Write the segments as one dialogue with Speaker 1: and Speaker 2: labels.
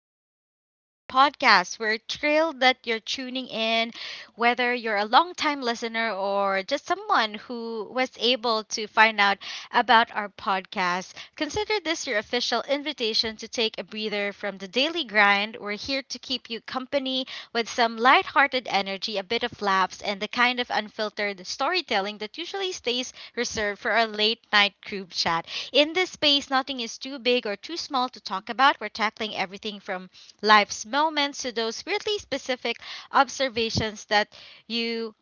Speaker 1: and welcome to our podcast. We're thrilled that you're tuning in, whether you're a long-time listener or just someone who was able to find out about our podcast. Consider this your official invitation to take a breather from the daily grind. We're here to keep you company with some lighthearted energy, a bit of laughs, and the kind of unfiltered storytelling that usually stays reserved for our late night group chat. In this space, nothing is too big or too small to talk about. We're tackling everything from life's moments to those weirdly specific observations that you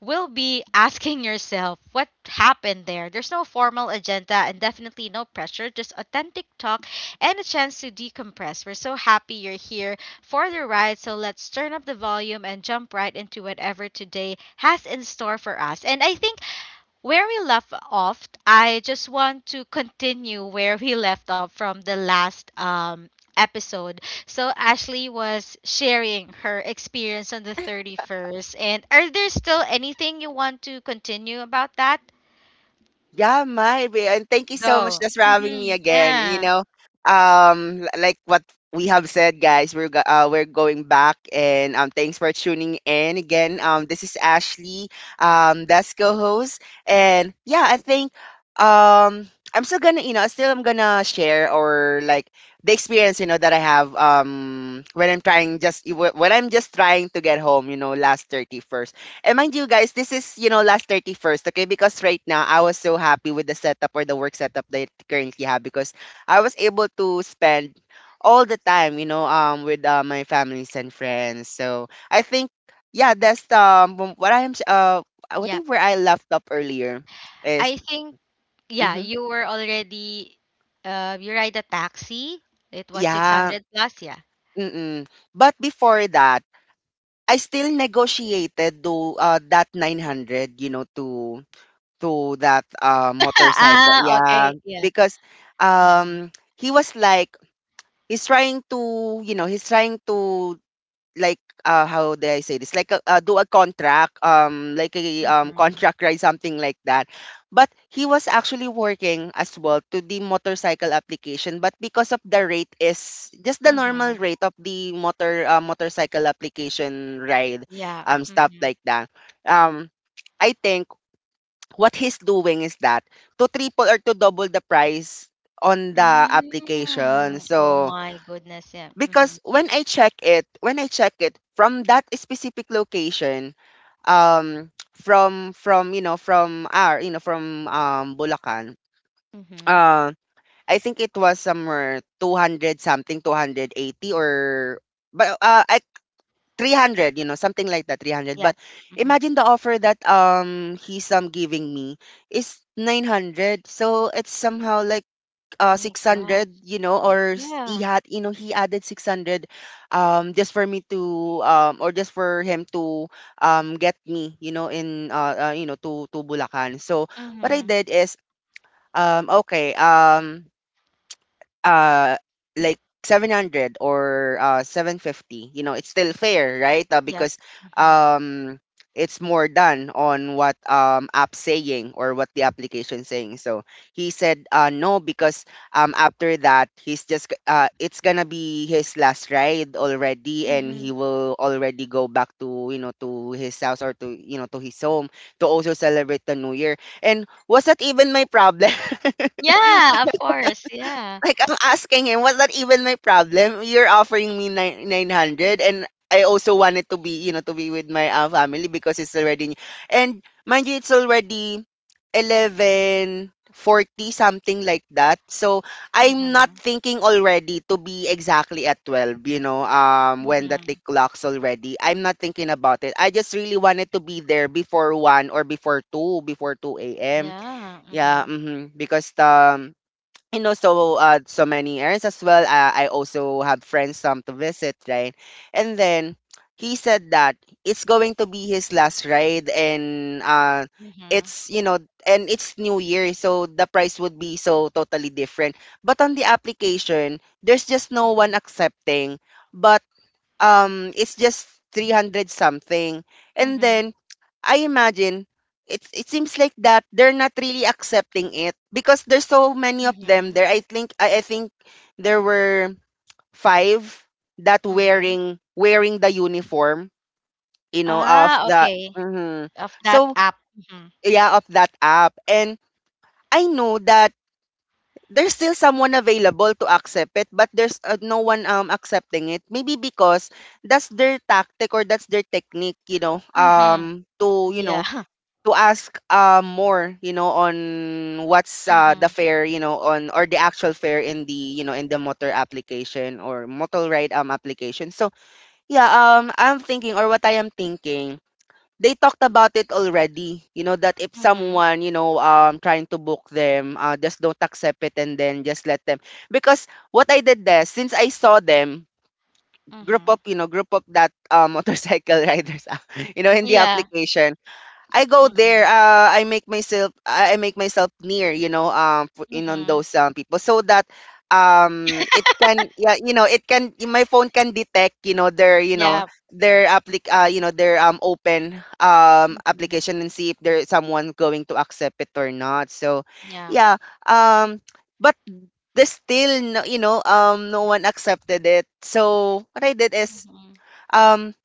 Speaker 1: will be asking yourself what happened there. There's no formal agenda and definitely no pressure, just authentic talk and a chance to decompress. We're so happy you're here for the ride, so let's turn up the volume and jump right into whatever today has in store for us. And I think where we left off, I just want to continue where we left off from the last episode. So, Ashley was sharing her experience on the 31st. And are there still anything you want to continue about that?
Speaker 2: Yeah, might be. And thank you so much
Speaker 1: Go.
Speaker 2: just for having me again. You
Speaker 1: Yeah.
Speaker 2: know, um, l- like what we have said, guys, we're going back, and thanks for tuning in again. This is Ashley, that's co-host, and yeah, um, I'm still gonna, I'm gonna share or like the experience, you know, that I have when I'm trying just when I'm just trying to get home, you know, last 31st. And mind you guys, this is, you know, last 31st, okay? Because right now, I was so happy with the setup or the work setup that I currently have because I was able to spend all the time, with my families and friends. So I think, yeah, that's wh- what I'm, s- I
Speaker 1: Yep.
Speaker 2: think where I left up earlier is,
Speaker 1: I think, yeah,
Speaker 2: mm-hmm,
Speaker 1: you were already, you ride a taxi. It was
Speaker 2: yeah,
Speaker 1: 600 plus, yeah.
Speaker 2: mm-mm. But before that, I still negotiated to that 900, you know, to that motorcycle.
Speaker 1: Ah,
Speaker 2: Yeah,
Speaker 1: okay. Yeah.
Speaker 2: because
Speaker 1: Mm-hmm.
Speaker 2: um he was like he's trying to, you know, he's trying to, like, how do I say this, like a, do a contract, like a contract ride, something like that. But he was actually working as well to the motorcycle application, but because of the rate is just the normal
Speaker 1: Mm-hmm.
Speaker 2: rate of the motorcycle application ride,
Speaker 1: Yeah.
Speaker 2: stuff like that. Um I think what he's doing is that to triple or to double the price on the application.
Speaker 1: Mm. Oh
Speaker 2: So
Speaker 1: my goodness, yeah. Mm-hmm.
Speaker 2: because when I check it from that specific location, from you know, from Bulacan,
Speaker 1: Mm-hmm.
Speaker 2: uh, I think it was somewhere 200 something, 280, or but I 300, you know, something like that, 300. But
Speaker 1: Yep. Mm-hmm.
Speaker 2: imagine the offer that he's giving me is 900. So it's somehow like
Speaker 1: My gosh.
Speaker 2: 600, you know, or s- he
Speaker 1: Yeah.
Speaker 2: had, you know, he added 600 just for me to um, or just for him to get me, you know, in to Bulacan. So what I
Speaker 1: Mm-hmm.
Speaker 2: did is okay, uh like 700 or 750, you know, it's still fair, right?
Speaker 1: Yep.
Speaker 2: Because
Speaker 1: Mm-hmm.
Speaker 2: um it's more done on what app saying or what the application saying. So he said no, because after that it's gonna be his last ride already and
Speaker 1: Mm-hmm.
Speaker 2: he will already go back to, you know, to his house, or to, you know, to his home to also celebrate the new year. And was that even my problem?
Speaker 1: Yeah, of course. Yeah.
Speaker 2: Like I'm asking him, was that even my problem? You're offering me nine hundred, and I also wanted to be, you know, to be with my family because it's already, and mind you, it's already 11:40, something like that. So I'm not
Speaker 1: Mm-hmm.
Speaker 2: thinking already to be exactly at 12. You know, when the tick
Speaker 1: Mm-hmm.
Speaker 2: clocks already, I'm not thinking about it. I just really wanted to be there before one, or before two a.m.
Speaker 1: Yeah.
Speaker 2: Yeah,
Speaker 1: Mm-hmm.
Speaker 2: mm-hmm. Because the, you know, so so many errands as well. I also have friends come to visit, right? And then he said that it's going to be his last ride and
Speaker 1: Mm-hmm.
Speaker 2: it's, you know, and it's new year, so the price would be so totally different. But on the application, there's just no one
Speaker 1: Mm-hmm.
Speaker 2: accepting. But it's just 300 something. And
Speaker 1: Mm-hmm.
Speaker 2: then I imagine it seems like that they're not really accepting it because there's so many of them
Speaker 1: Mm-hmm.
Speaker 2: there. I think there were five that
Speaker 1: Mm-hmm.
Speaker 2: wearing the uniform, you know, of
Speaker 1: Ah,
Speaker 2: the,
Speaker 1: okay.
Speaker 2: mhm,
Speaker 1: Of that
Speaker 2: so
Speaker 1: app. Mm-hmm.
Speaker 2: yeah, of that app. And I know that there's still someone available to accept it, but there's no one accepting it, maybe because that's their tactic or that's their technique, you know,
Speaker 1: Mm-hmm. Yeah.
Speaker 2: to ask, more, you know, on what's the
Speaker 1: Mm-hmm.
Speaker 2: fare, you know, on or the actual fare in the, you know, in the motor application or motor ride application. So yeah, I am thinking they talked about it already. You know that if
Speaker 1: Mm-hmm.
Speaker 2: someone, you know, trying to book them, just don't accept it and then just let them. Because what I did there, since I saw them group
Speaker 1: Mm-hmm.
Speaker 2: up, you know, group up that motorcycle riders, ah, you know, in the
Speaker 1: Yeah.
Speaker 2: application. I go there.
Speaker 1: Mm-hmm.
Speaker 2: I make myself near. You know, for, in on
Speaker 1: Mm-hmm.
Speaker 2: those people, so that it can, yeah, you know, it can, my phone can detect, you know, their, you know,
Speaker 1: Yeah.
Speaker 2: their applic you know, their open
Speaker 1: Mm-hmm.
Speaker 2: application, and see if there is someone going to accept it or not. So,
Speaker 1: Yeah.
Speaker 2: yeah. Um, but there's still no, you know, no one accepted it. So what I did is
Speaker 1: Mm-hmm.
Speaker 2: um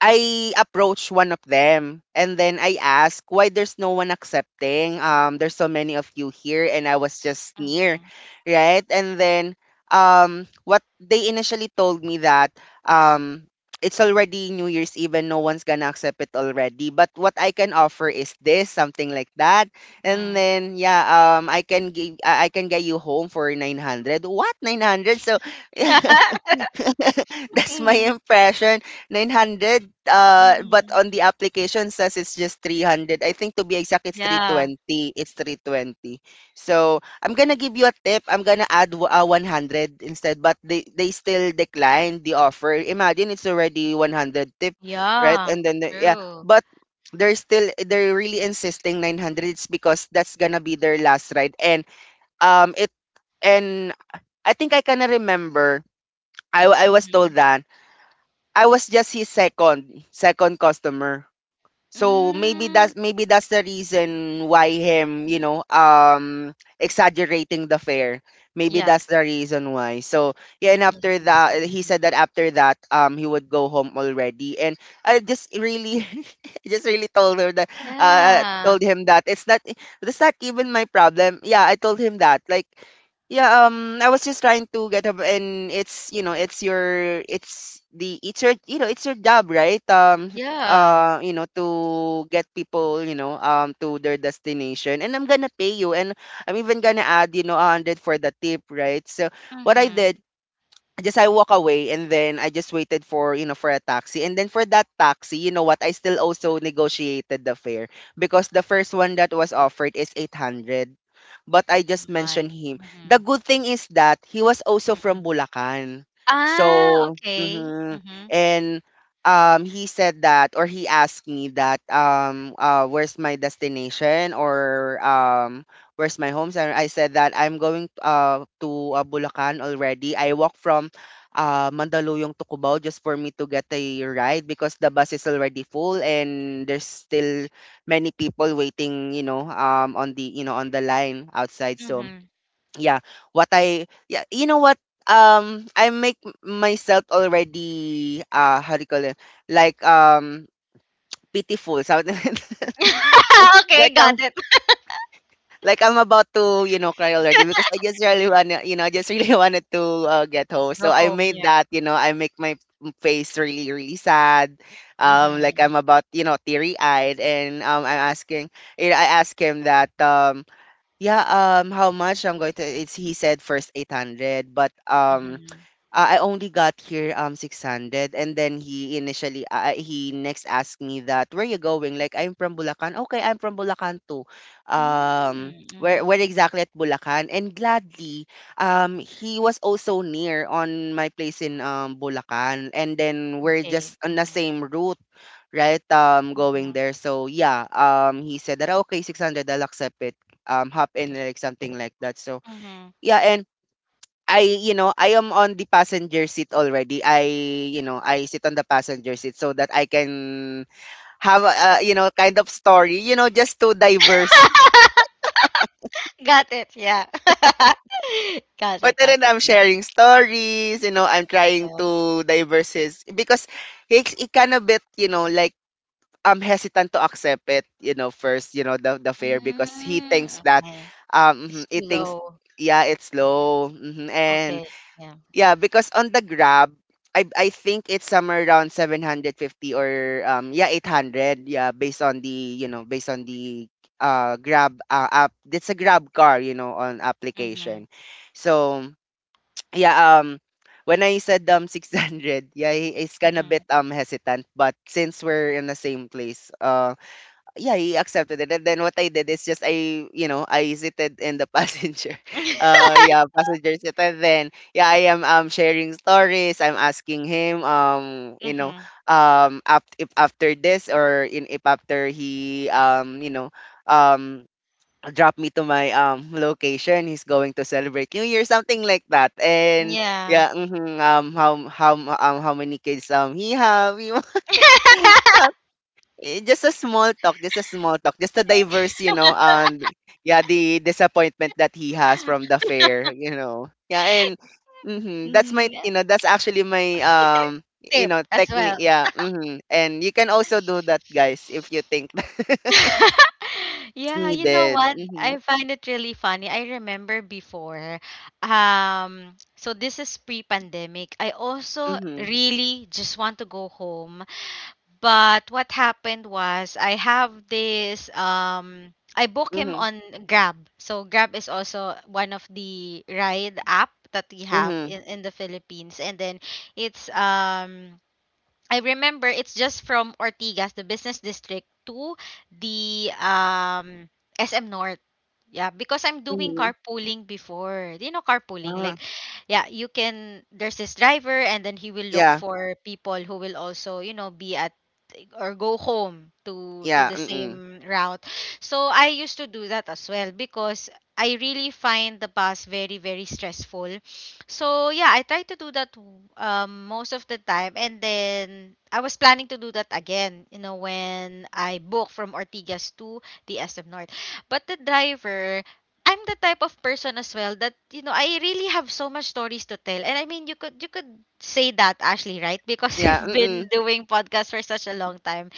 Speaker 2: I approached one of them and then I asked why there's no one accepting. There's so many of you here and I was just near,
Speaker 1: Mm-hmm.
Speaker 2: right? And then what they initially told me that um, it's already New Year's Eve and no one's gonna accept it already. But what I can offer is this, something like that. And
Speaker 1: Mhm.
Speaker 2: then yeah, I can get you home for 900. What 900? So That's my
Speaker 1: Mm.
Speaker 2: impression. 900 but
Speaker 1: Mhm.
Speaker 2: on the application says it's just 300. I think to be exact it's
Speaker 1: Yeah.
Speaker 2: 320. It's 320. So, I'm going to give you a tip. I'm going to 100 instead, but they still declined the offer. Imagine it's already 100 tip, right?
Speaker 1: Yeah.
Speaker 2: And then yeah,
Speaker 1: True.
Speaker 2: but they're really insisting 900. It's because that's going to be their last ride and it and I think I kind of remember I was
Speaker 1: Mm-hmm.
Speaker 2: told that I was just his second customer. So
Speaker 1: Mm.
Speaker 2: maybe that's the reason why him, you know, um, exaggerating the fare. Maybe
Speaker 1: Yep.
Speaker 2: that's the reason why. So yeah, and
Speaker 1: I
Speaker 2: after
Speaker 1: think so.
Speaker 2: that he said
Speaker 1: Mm-hmm.
Speaker 2: that after that he would go home already. And I just really just really
Speaker 1: Yeah.
Speaker 2: told him that it's not, that's not even my problem. Yeah, I told him that. Like yeah, I was just trying to get up, and it's your, you know, it's your job, right?
Speaker 1: Yeah.
Speaker 2: You know, to get people, you know, to their destination. And I'm gonna pay you, and I'm even gonna add, you know, a hundred for the tip, right? So what I
Speaker 1: Mm-hmm.
Speaker 2: did, just I walk away and then I just waited for, you know, for a taxi. And then for that taxi, you know what, I still also negotiated the fare because the first one that was offered is 800. But I just mentioned
Speaker 1: My.
Speaker 2: him. The
Speaker 1: Mm-hmm.
Speaker 2: good thing is that he was also from
Speaker 1: Mm-hmm.
Speaker 2: Bulacan.
Speaker 1: Ah,
Speaker 2: So,
Speaker 1: okay.
Speaker 2: mhm.
Speaker 1: Mm-hmm.
Speaker 2: And he said that, or he asked me that, um, uh, where's my destination or where's my home? And I said that I'm going to Bulacan already. I walk from Mandaluyong to Cubao just for me to get a ride because the bus is already full and there's still many people waiting, you know, on the, you know, on the line outside. So
Speaker 1: Mm-hmm.
Speaker 2: yeah, what I, yeah, you know what, I make myself already, how do you call it, like pitiful, something like that.
Speaker 1: Okay,
Speaker 2: Like
Speaker 1: got it.
Speaker 2: like, I'm about to, you know, cry already because I just really wanna, you know, I just really wanted to get home. So
Speaker 1: Go
Speaker 2: I
Speaker 1: home,
Speaker 2: made
Speaker 1: yeah.
Speaker 2: that, you know, I make my face really, really sad. Like
Speaker 1: Mm-hmm.
Speaker 2: I'm about, you know, teary eyed, and I'm asking, you know, I asked him that, yeah, how much I'm going to? It's, he said first 800, but
Speaker 1: Mm-hmm.
Speaker 2: I only got here 600. And then he initially he next asked me that, where you going? Like, I'm from Bulacan. Okay, I'm from Bulacan too. Um,
Speaker 1: Mm-hmm.
Speaker 2: where exactly at Bulacan, and gladly he was also near on my place in Bulacan, and then we're
Speaker 1: Okay.
Speaker 2: just on the
Speaker 1: Mm-hmm.
Speaker 2: same route, right? Um, going
Speaker 1: Mm-hmm.
Speaker 2: there. So yeah, he said that, "Ah, okay, 600 I'll accept it, hop in," like something like that. So
Speaker 1: Mm-hmm.
Speaker 2: yeah. and. I, you know, I am on the passenger seat already. I sit on the passenger seat so that I can have a, you know, kind of story, you know, just to diverse.
Speaker 1: Got it, yeah. Got
Speaker 2: But
Speaker 1: it, got
Speaker 2: then
Speaker 1: it.
Speaker 2: I'm
Speaker 1: Yeah.
Speaker 2: sharing stories, I'm trying
Speaker 1: That.
Speaker 2: to diverse his because he kind of bit, like I'm hesitant to accept it, first, the fare because he
Speaker 1: Mm,
Speaker 2: thinks that,
Speaker 1: okay. It's
Speaker 2: mhm,
Speaker 1: too
Speaker 2: he thinks,
Speaker 1: low.
Speaker 2: yeah, it's low. Hmm And
Speaker 1: Okay. Yeah.
Speaker 2: Yeah, because on the Grab, I think it's somewhere around 750 or yeah, 800. Yeah, based on the Grab app. It's a Grab car, on
Speaker 1: Mhm.
Speaker 2: application. So, yeah, when I said 600, yeah, he's kind of
Speaker 1: Mhm.
Speaker 2: bit hesitant, but since we're in the same place, yeah, he accepted it. And then what I did is just I seated in the passenger.
Speaker 1: Mhm.
Speaker 2: Uh yeah, passenger seat. And then yeah, I am sharing stories. I'm asking him if after this, or in if after he um dropped me to my location, he's going to celebrate New Year, something like that. And
Speaker 1: Yeah.
Speaker 2: yeah, how many kids he have, know, just a small talk, just a small talk, just a diverse, yeah, the disappointment that he has from the fair, yeah, and
Speaker 1: Mm,
Speaker 2: that's actually my,
Speaker 1: tip as
Speaker 2: technique,
Speaker 1: well.
Speaker 2: yeah, and you can also do that, guys, if you think it's
Speaker 1: Yeah, you know
Speaker 2: needed.
Speaker 1: what?
Speaker 2: Mm-hmm.
Speaker 1: I find it really funny. I remember before, so this is pre-pandemic. I also
Speaker 2: Mm-hmm.
Speaker 1: really just want to go home. But what happened was I have this I book him
Speaker 2: Mm-hmm.
Speaker 1: on Grab. So Grab is also one of the ride app that we have
Speaker 2: Mm-hmm.
Speaker 1: in the Philippines. And then it's I remember it's just from Ortigas, the business district, to the SM North. Yeah, because I'm doing
Speaker 2: Mm-hmm.
Speaker 1: carpooling before. You know, carpooling,
Speaker 2: Ah,
Speaker 1: like, yeah, you can, there's this driver, and then he will look
Speaker 2: yeah.
Speaker 1: for people who will also, you know, be at or go home to
Speaker 2: Yeah.
Speaker 1: the
Speaker 2: Mm-mm.
Speaker 1: same route. So I used to do that as well because I really find the bus very, very stressful. So yeah, I try to do that most of the time. And then I was planning to do that again, you know, when I book from Ortigas to the SM North. But the driver, I'm the type of person as well that you know I really have so much stories to tell. And I mean, you could say that, Ashley, right? Because
Speaker 2: Yeah.
Speaker 1: you've been
Speaker 2: Mm-mm.
Speaker 1: doing podcasts for such a long time.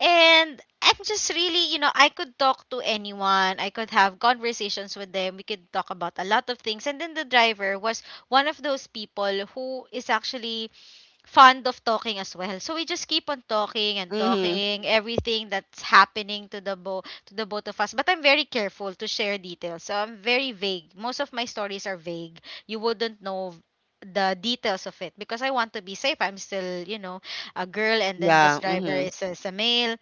Speaker 1: And I'm just really, you know, I could talk to anyone. I could have conversations with them. We could talk about a lot of things. And then the driver was one of those people who is actually fond of talking as well. So we just keep on talking and
Speaker 2: Mm-hmm.
Speaker 1: talking everything that's happening to the bo to the both of us. But I'm very careful to share details. So I'm very vague. Most of my stories are vague. You wouldn't know the details of it because I want to be safe. I'm still, you know, a girl, and then this
Speaker 2: Yeah.
Speaker 1: driver
Speaker 2: Mm-hmm.
Speaker 1: is a male,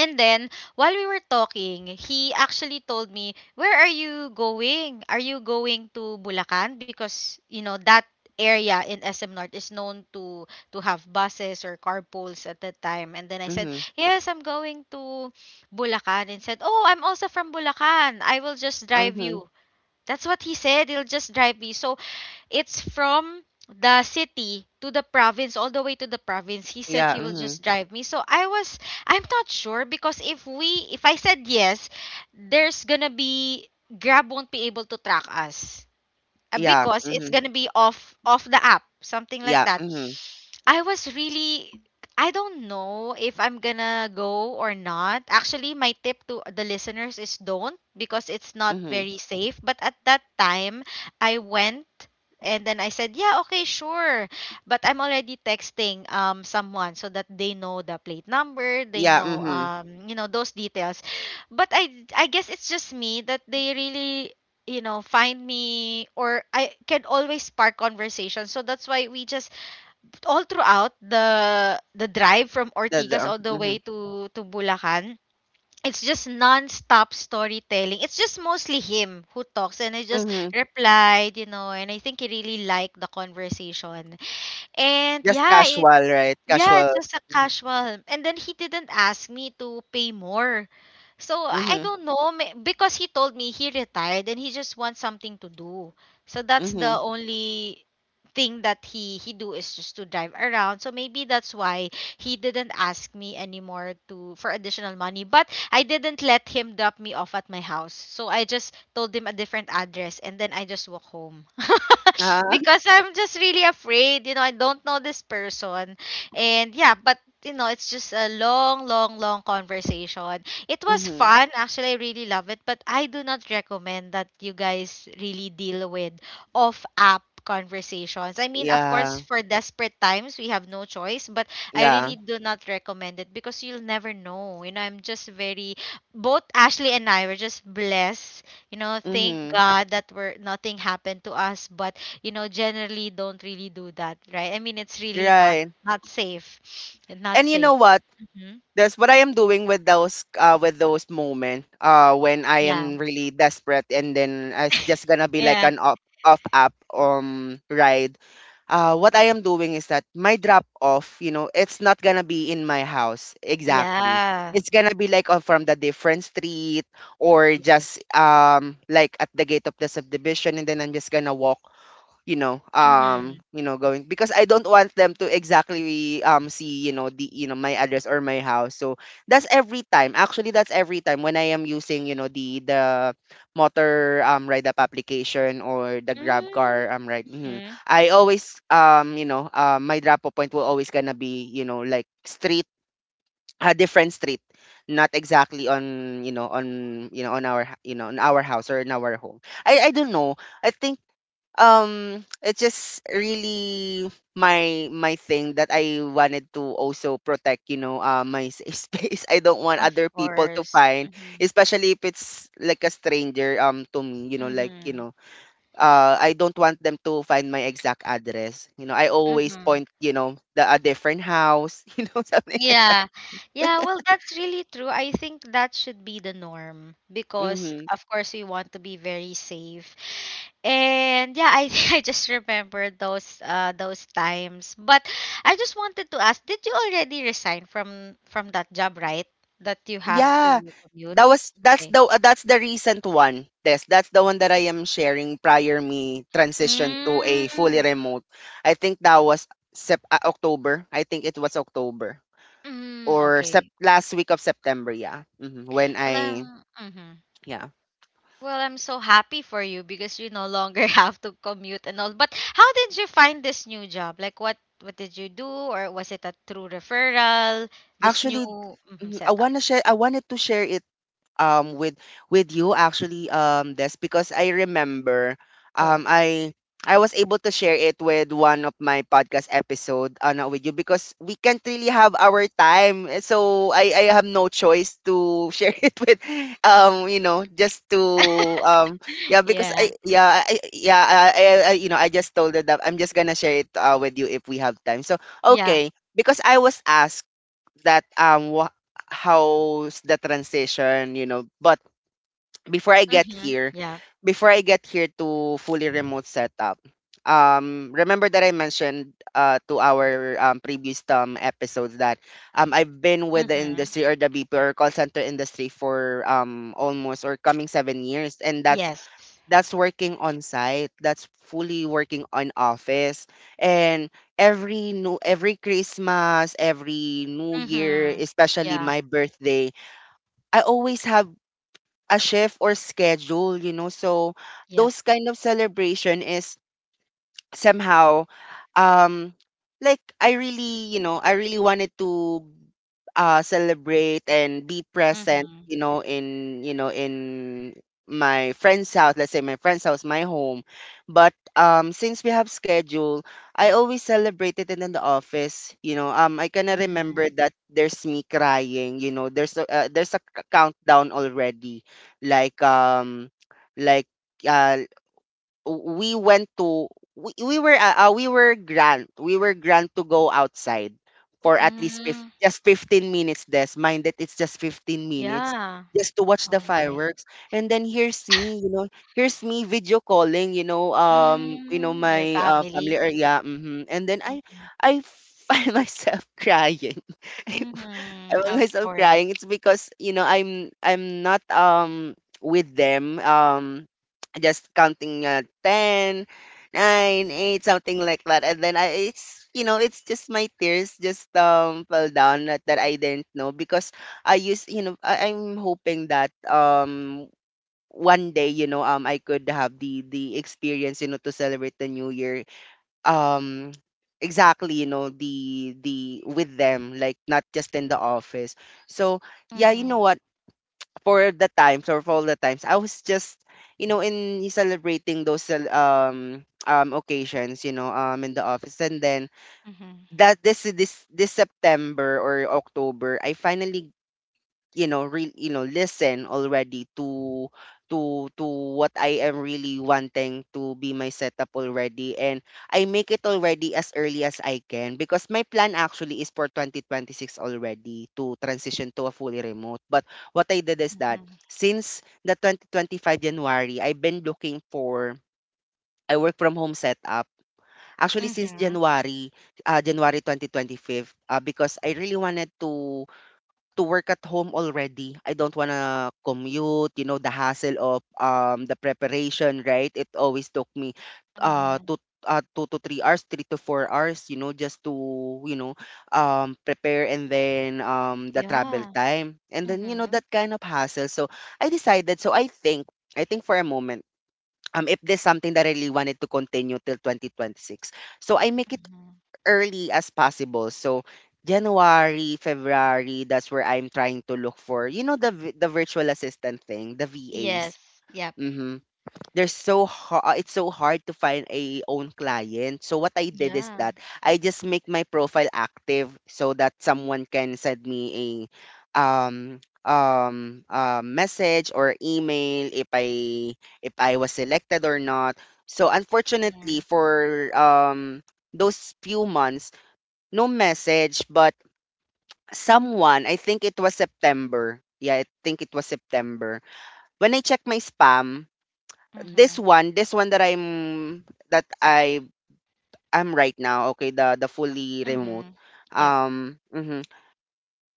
Speaker 1: and then while we were talking, he actually told me, "Where are you going? Are you going to Bulacan?" Because, you know, that area in SM North is known to have buses or carpools at that time. And then I said,
Speaker 2: Mm-hmm.
Speaker 1: "Yes, I'm going to Bulacan." And said, "Oh, I'm also from Bulacan. I will just drive
Speaker 2: Mm-hmm.
Speaker 1: you." That's what he said. It'll just drive me. So it's from the city to the province, all the way to the province. He said
Speaker 2: Yeah.
Speaker 1: he will
Speaker 2: Mm-hmm.
Speaker 1: just drive me. So I was, I'm not sure because if I said yes, there's gonna be, Grab won't be able to track us,
Speaker 2: Yeah.
Speaker 1: because
Speaker 2: Mm-hmm.
Speaker 1: it's gonna be off off the app, something like
Speaker 2: Yeah.
Speaker 1: that.
Speaker 2: Mm-hmm.
Speaker 1: I was really, I don't know if I'm gonna go or not. Actually, my tip to the listeners is don't, because it's not
Speaker 2: Mm-hmm.
Speaker 1: very safe. But at that time I went, and then I said, "Yeah, okay, sure," but I'm already texting someone so that they know the plate number, they
Speaker 2: Yeah,
Speaker 1: know,
Speaker 2: mhm.
Speaker 1: um, you know, those details. But I guess it's just me that they really, you know, find me, or I can always spark conversation. So that's why we just, all throughout the drive from Ortigas
Speaker 2: The
Speaker 1: all the way
Speaker 2: Mhm,
Speaker 1: to Bulacan, it's just non-stop storytelling. It's just mostly him who talks and I just
Speaker 2: mhm.
Speaker 1: replied, you know, and I think he really liked the conversation. And
Speaker 2: Just
Speaker 1: yeah,
Speaker 2: casual, right?
Speaker 1: yeah, it's
Speaker 2: Casual.
Speaker 1: just a
Speaker 2: Mhm,
Speaker 1: casual. And then he didn't ask me to pay more. So I
Speaker 2: mhm,
Speaker 1: don't know may- because he told me he retired and he just wants something to do. So that's the
Speaker 2: mhm.
Speaker 1: only thing that he do is just to drive around. So maybe that's why he didn't ask me anymore to for additional money. But I didn't let him drop me off at my house. So I just told him a different address and then I just walk home.
Speaker 2: Ah,
Speaker 1: Because I'm just really afraid, you know, I don't know this person, and yeah, but you know, it's just a long, long, long conversation. It was
Speaker 2: mhm.
Speaker 1: fun. Actually, I really love it, but I do not recommend that you guys really deal with off app conversations. I mean, of course,
Speaker 2: Yeah,
Speaker 1: for desperate times, we have no choice, but I
Speaker 2: yeah.
Speaker 1: really do not recommend it because you'll never know. You know, I'm just very, both Ashley and I were just blessed. You know, thank
Speaker 2: Mhm.
Speaker 1: God that we're, nothing happened to us, but you know, generally don't really do that, right? I mean, it's really not,
Speaker 2: Right.
Speaker 1: not safe. Not
Speaker 2: And you
Speaker 1: safe.
Speaker 2: know what?
Speaker 1: Mhm.
Speaker 2: That's what I am doing with those moment when I
Speaker 1: Yeah.
Speaker 2: am really desperate, and then it's just gonna be like
Speaker 1: Yeah.
Speaker 2: an off up ride. What I am doing is that my drop off, it's not gonna be in my house exactly.
Speaker 1: Yeah.
Speaker 2: It's gonna be like from the different street, or
Speaker 1: Yes.
Speaker 2: just like at the gate of the subdivision, and then I'm just gonna walk,
Speaker 1: Mhm.
Speaker 2: going, because I don't want them to exactly see, you know the you know my address or my house. So that's every time, actually, that's every time when I am using, the motor ride up application, or the Grab car ride. Mhm.
Speaker 1: Mhm.
Speaker 2: I always my drop off point will always gonna be, like street a different street, not exactly on our h- you know on our house, or in our home. I don't know. I think it's just really my thing that I wanted to also protect, my safe space. I don't want
Speaker 1: Of
Speaker 2: other people to
Speaker 1: course.
Speaker 2: find,
Speaker 1: Mhm.
Speaker 2: especially if it's like a stranger to me,
Speaker 1: Mhm.
Speaker 2: I don't want them to find my exact address. I always
Speaker 1: Mhm.
Speaker 2: point, you know the a different house you know, something like.
Speaker 1: Yeah. Yeah, well, that's really true. I think that should be the norm because
Speaker 2: Mhm.
Speaker 1: of course we want to be very safe. And yeah, I I just remembered those times. But I just wanted to ask, did you already resign from that job, right? That you have
Speaker 2: Yeah,
Speaker 1: to commute? Okay.
Speaker 2: that's the recent one. This that's the one that I am sharing prior me transition to a fully
Speaker 1: Mm,
Speaker 2: remote. I think that was October. I think it was October,
Speaker 1: mm,
Speaker 2: or
Speaker 1: okay.
Speaker 2: last week of September. Yeah, hmm when I
Speaker 1: Well, I'm, mhm.
Speaker 2: yeah
Speaker 1: Well, I'm so happy for you because you no longer have to commute and all. But how did you find this new job? Like, what did you do, or was it a true referral? This new
Speaker 2: actually,
Speaker 1: mhm,
Speaker 2: mhm, I
Speaker 1: setup.
Speaker 2: wanna share. I wanted to share it um with with you, actually, this, because I remember um
Speaker 1: Go.
Speaker 2: I I was able to share it with one of my podcast episode, not with you because we can't really have our time, so I have no choice to share it with, you know just to um yeah, because
Speaker 1: Yeah.
Speaker 2: I yeah I, yeah I you know I just told her that I'm just gonna share it, with you if we have time, so
Speaker 1: Yeah.
Speaker 2: okay, because I was asked that, wha how's the transition, you know. But before I get
Speaker 1: Mm-hmm.
Speaker 2: here,
Speaker 1: Yeah.
Speaker 2: before I get here to fully remote setup, remember that I mentioned, to our previous episodes, that I've been with the
Speaker 1: Mm-hmm.
Speaker 2: industry, or the BP or call center industry, for almost or coming 7 years, and
Speaker 1: Yes.
Speaker 2: that's working on site, that's fully working on office. And every Christmas, every new year,
Speaker 1: Mm-hmm.
Speaker 2: especially
Speaker 1: Yeah.
Speaker 2: my birthday, I always have a shift or schedule, you know. So
Speaker 1: Yep.
Speaker 2: those kind of celebration is somehow, um like, I really wanted to celebrate and be present,
Speaker 1: Mm-hmm.
Speaker 2: in you know in my friend's house, let's say, my friend's house, my home. But since we have schedule, I always celebrate it in the office. I kind of remember
Speaker 1: Mm-hmm.
Speaker 2: that there's me crying, you know, there's a countdown already, like um like, uh we went to we were grand to go outside for at least
Speaker 1: Mm-hmm.
Speaker 2: just 15 minutes. This mind that it's just 15 minutes
Speaker 1: Yeah.
Speaker 2: just to watch the
Speaker 1: Oh my.
Speaker 2: fireworks. And then here's me video calling,
Speaker 1: Mm, your
Speaker 2: my family,
Speaker 1: family.
Speaker 2: or yeah, mhm. And then I find myself crying. I
Speaker 1: Mhm.
Speaker 2: found
Speaker 1: Of
Speaker 2: myself crying.
Speaker 1: course.
Speaker 2: It's because, you know, I'm not with them, just counting 10 nine, 8, something like that. And then I it's, you know, it's just my tears just fell down, that I didn't know, because I'm hoping that one day, I could have the experience, you know, to celebrate the new year, um exactly, you know the with them, like, not just in the office. So
Speaker 1: Mhm.
Speaker 2: yeah, you know what, for the times, or for all the times I was just, you know, in celebrating those, occasions, in the office, and then
Speaker 1: Mhm.
Speaker 2: that, this September or October, I finally, listen already to, to to what I am really wanting to be my setup already. And I make it already as early as I can, because my plan actually is for 2026 already to transition to a fully remote. But what I did is that,
Speaker 1: Mhm.
Speaker 2: since the 2025 January I've been looking for, I work from home setup, actually since
Speaker 1: Mhm.
Speaker 2: January, January 2025, because I really wanted, to work at home already. I don't wanna commute, you know, the hassle of the preparation, right? It always took me, uh
Speaker 1: Mhm.
Speaker 2: two 2 to 3 hours, 3 to 4 hours, you know, just to, you know, prepare, and then, the travel
Speaker 1: Yeah.
Speaker 2: time. And then, you know,
Speaker 1: Mhm.
Speaker 2: that kind of hassle. So I decided, so I think, for a moment, if there's something that I really wanted to continue till 2026, so I make it
Speaker 1: Mhm.
Speaker 2: early as possible. So January, February, that's where I'm trying to look for. You know, the virtual assistant thing, the VAs.
Speaker 1: Yes. Yep.
Speaker 2: Mm-hmm. They're so hard. It's so hard to find a own client. So what I did is
Speaker 1: Yeah.
Speaker 2: that I just make my profile active so that someone can send me a, message or email, if I was selected or not. So, unfortunately,
Speaker 1: Mhm.
Speaker 2: for those few months, no message. But someone, I think it was September. Yeah, I think it was September. When I checked my spam, this
Speaker 1: Mhm.
Speaker 2: one, that I am right now, okay, the fully remote.
Speaker 1: Mhm. Yep.
Speaker 2: Um, mhm.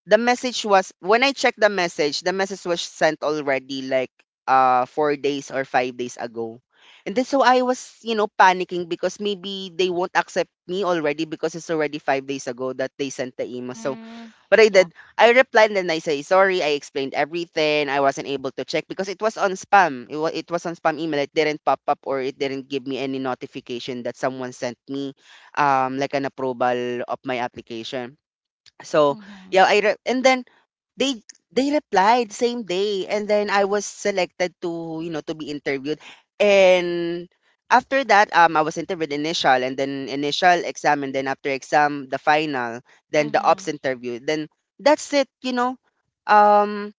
Speaker 2: The message was, when I checked the message was sent already like, 4 days or 5 days ago. And then, so I was, you know, panicking, because maybe they won't accept me already because it's already 5 days ago that they sent the email.
Speaker 1: Mm.
Speaker 2: But I
Speaker 1: Yeah.
Speaker 2: did. I replied and I say sorry. I explained everything. I wasn't able to check because it was on spam. It was on spam email. It didn't pop up, or it didn't give me any notification that someone sent me, like, an approval of my application. So
Speaker 1: Mhm.
Speaker 2: yeah, I re- and then they they replied same day, and then I was selected to, to be interviewed. And after that, I was interviewed initial, and then initial exam, and then after exam the final, then the ops
Speaker 1: Mhm.
Speaker 2: interview, then that's it, um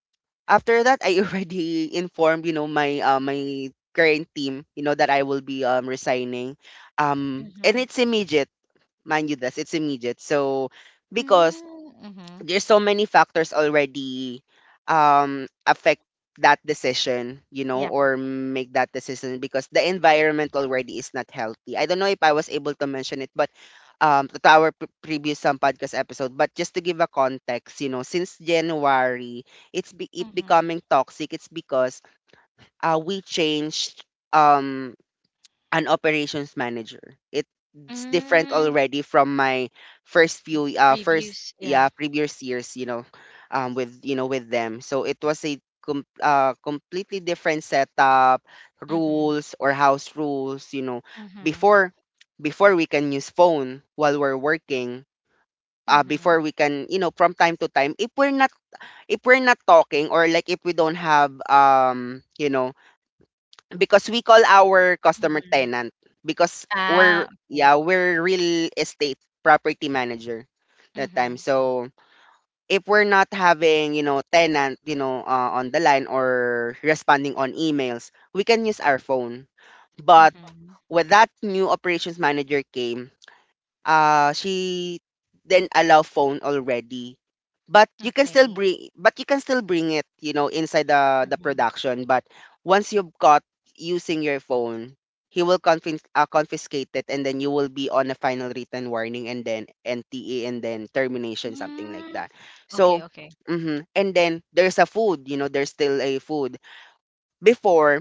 Speaker 2: after that I already informed, you know, my my current team, you know, that I will be resigning, and
Speaker 1: Mhm.
Speaker 2: it's immediate. Mind you, this it's immediate. So because
Speaker 1: Mhm. Mhm.
Speaker 2: there's so many factors already affect that decision, you know,
Speaker 1: Yep.
Speaker 2: or make that decision, because the environment already is not healthy. I don't know if I was able to mention it, but to our previous some podcast episode, but just to give a context, you know, since January it's it
Speaker 1: Mhm.
Speaker 2: becoming toxic. It's because we changed um an operations manager. It's different
Speaker 1: Mm.
Speaker 2: already from my first few first,
Speaker 1: Previews. Yeah.
Speaker 2: yeah, previous years, you know, with, you know, with them. So it was a completely different setup,
Speaker 1: Mhm.
Speaker 2: rules or house rules, you know.
Speaker 1: Mhm.
Speaker 2: Before, before we can use phone while we're working,
Speaker 1: Mhm.
Speaker 2: before we can, you know, from time to time if we're not, if we're not talking, or like if we don't have, you know, because we call our customer
Speaker 1: Mhm.
Speaker 2: tenant, because
Speaker 1: Ah.
Speaker 2: we're,
Speaker 1: Okay.
Speaker 2: yeah, we're real estate property manager that time.
Speaker 1: Mhm.
Speaker 2: So if we're not having, you know, tenant, you know, on the line or responding on emails, we can use our phone. But
Speaker 1: Mhm.
Speaker 2: when that new operations manager came, she didn't allow phone already. But you can
Speaker 1: Okay.
Speaker 2: still bring, but you can still bring it, you know, inside the
Speaker 1: Mhm.
Speaker 2: production. But once you've got using your phone, he will confiscate it, and then you will be on a final written warning and then NTA and then termination, something like
Speaker 1: Mm.
Speaker 2: that.
Speaker 1: Okay,
Speaker 2: So
Speaker 1: okay.
Speaker 2: mhm. And then there's a food, you know, there's still a food. Before,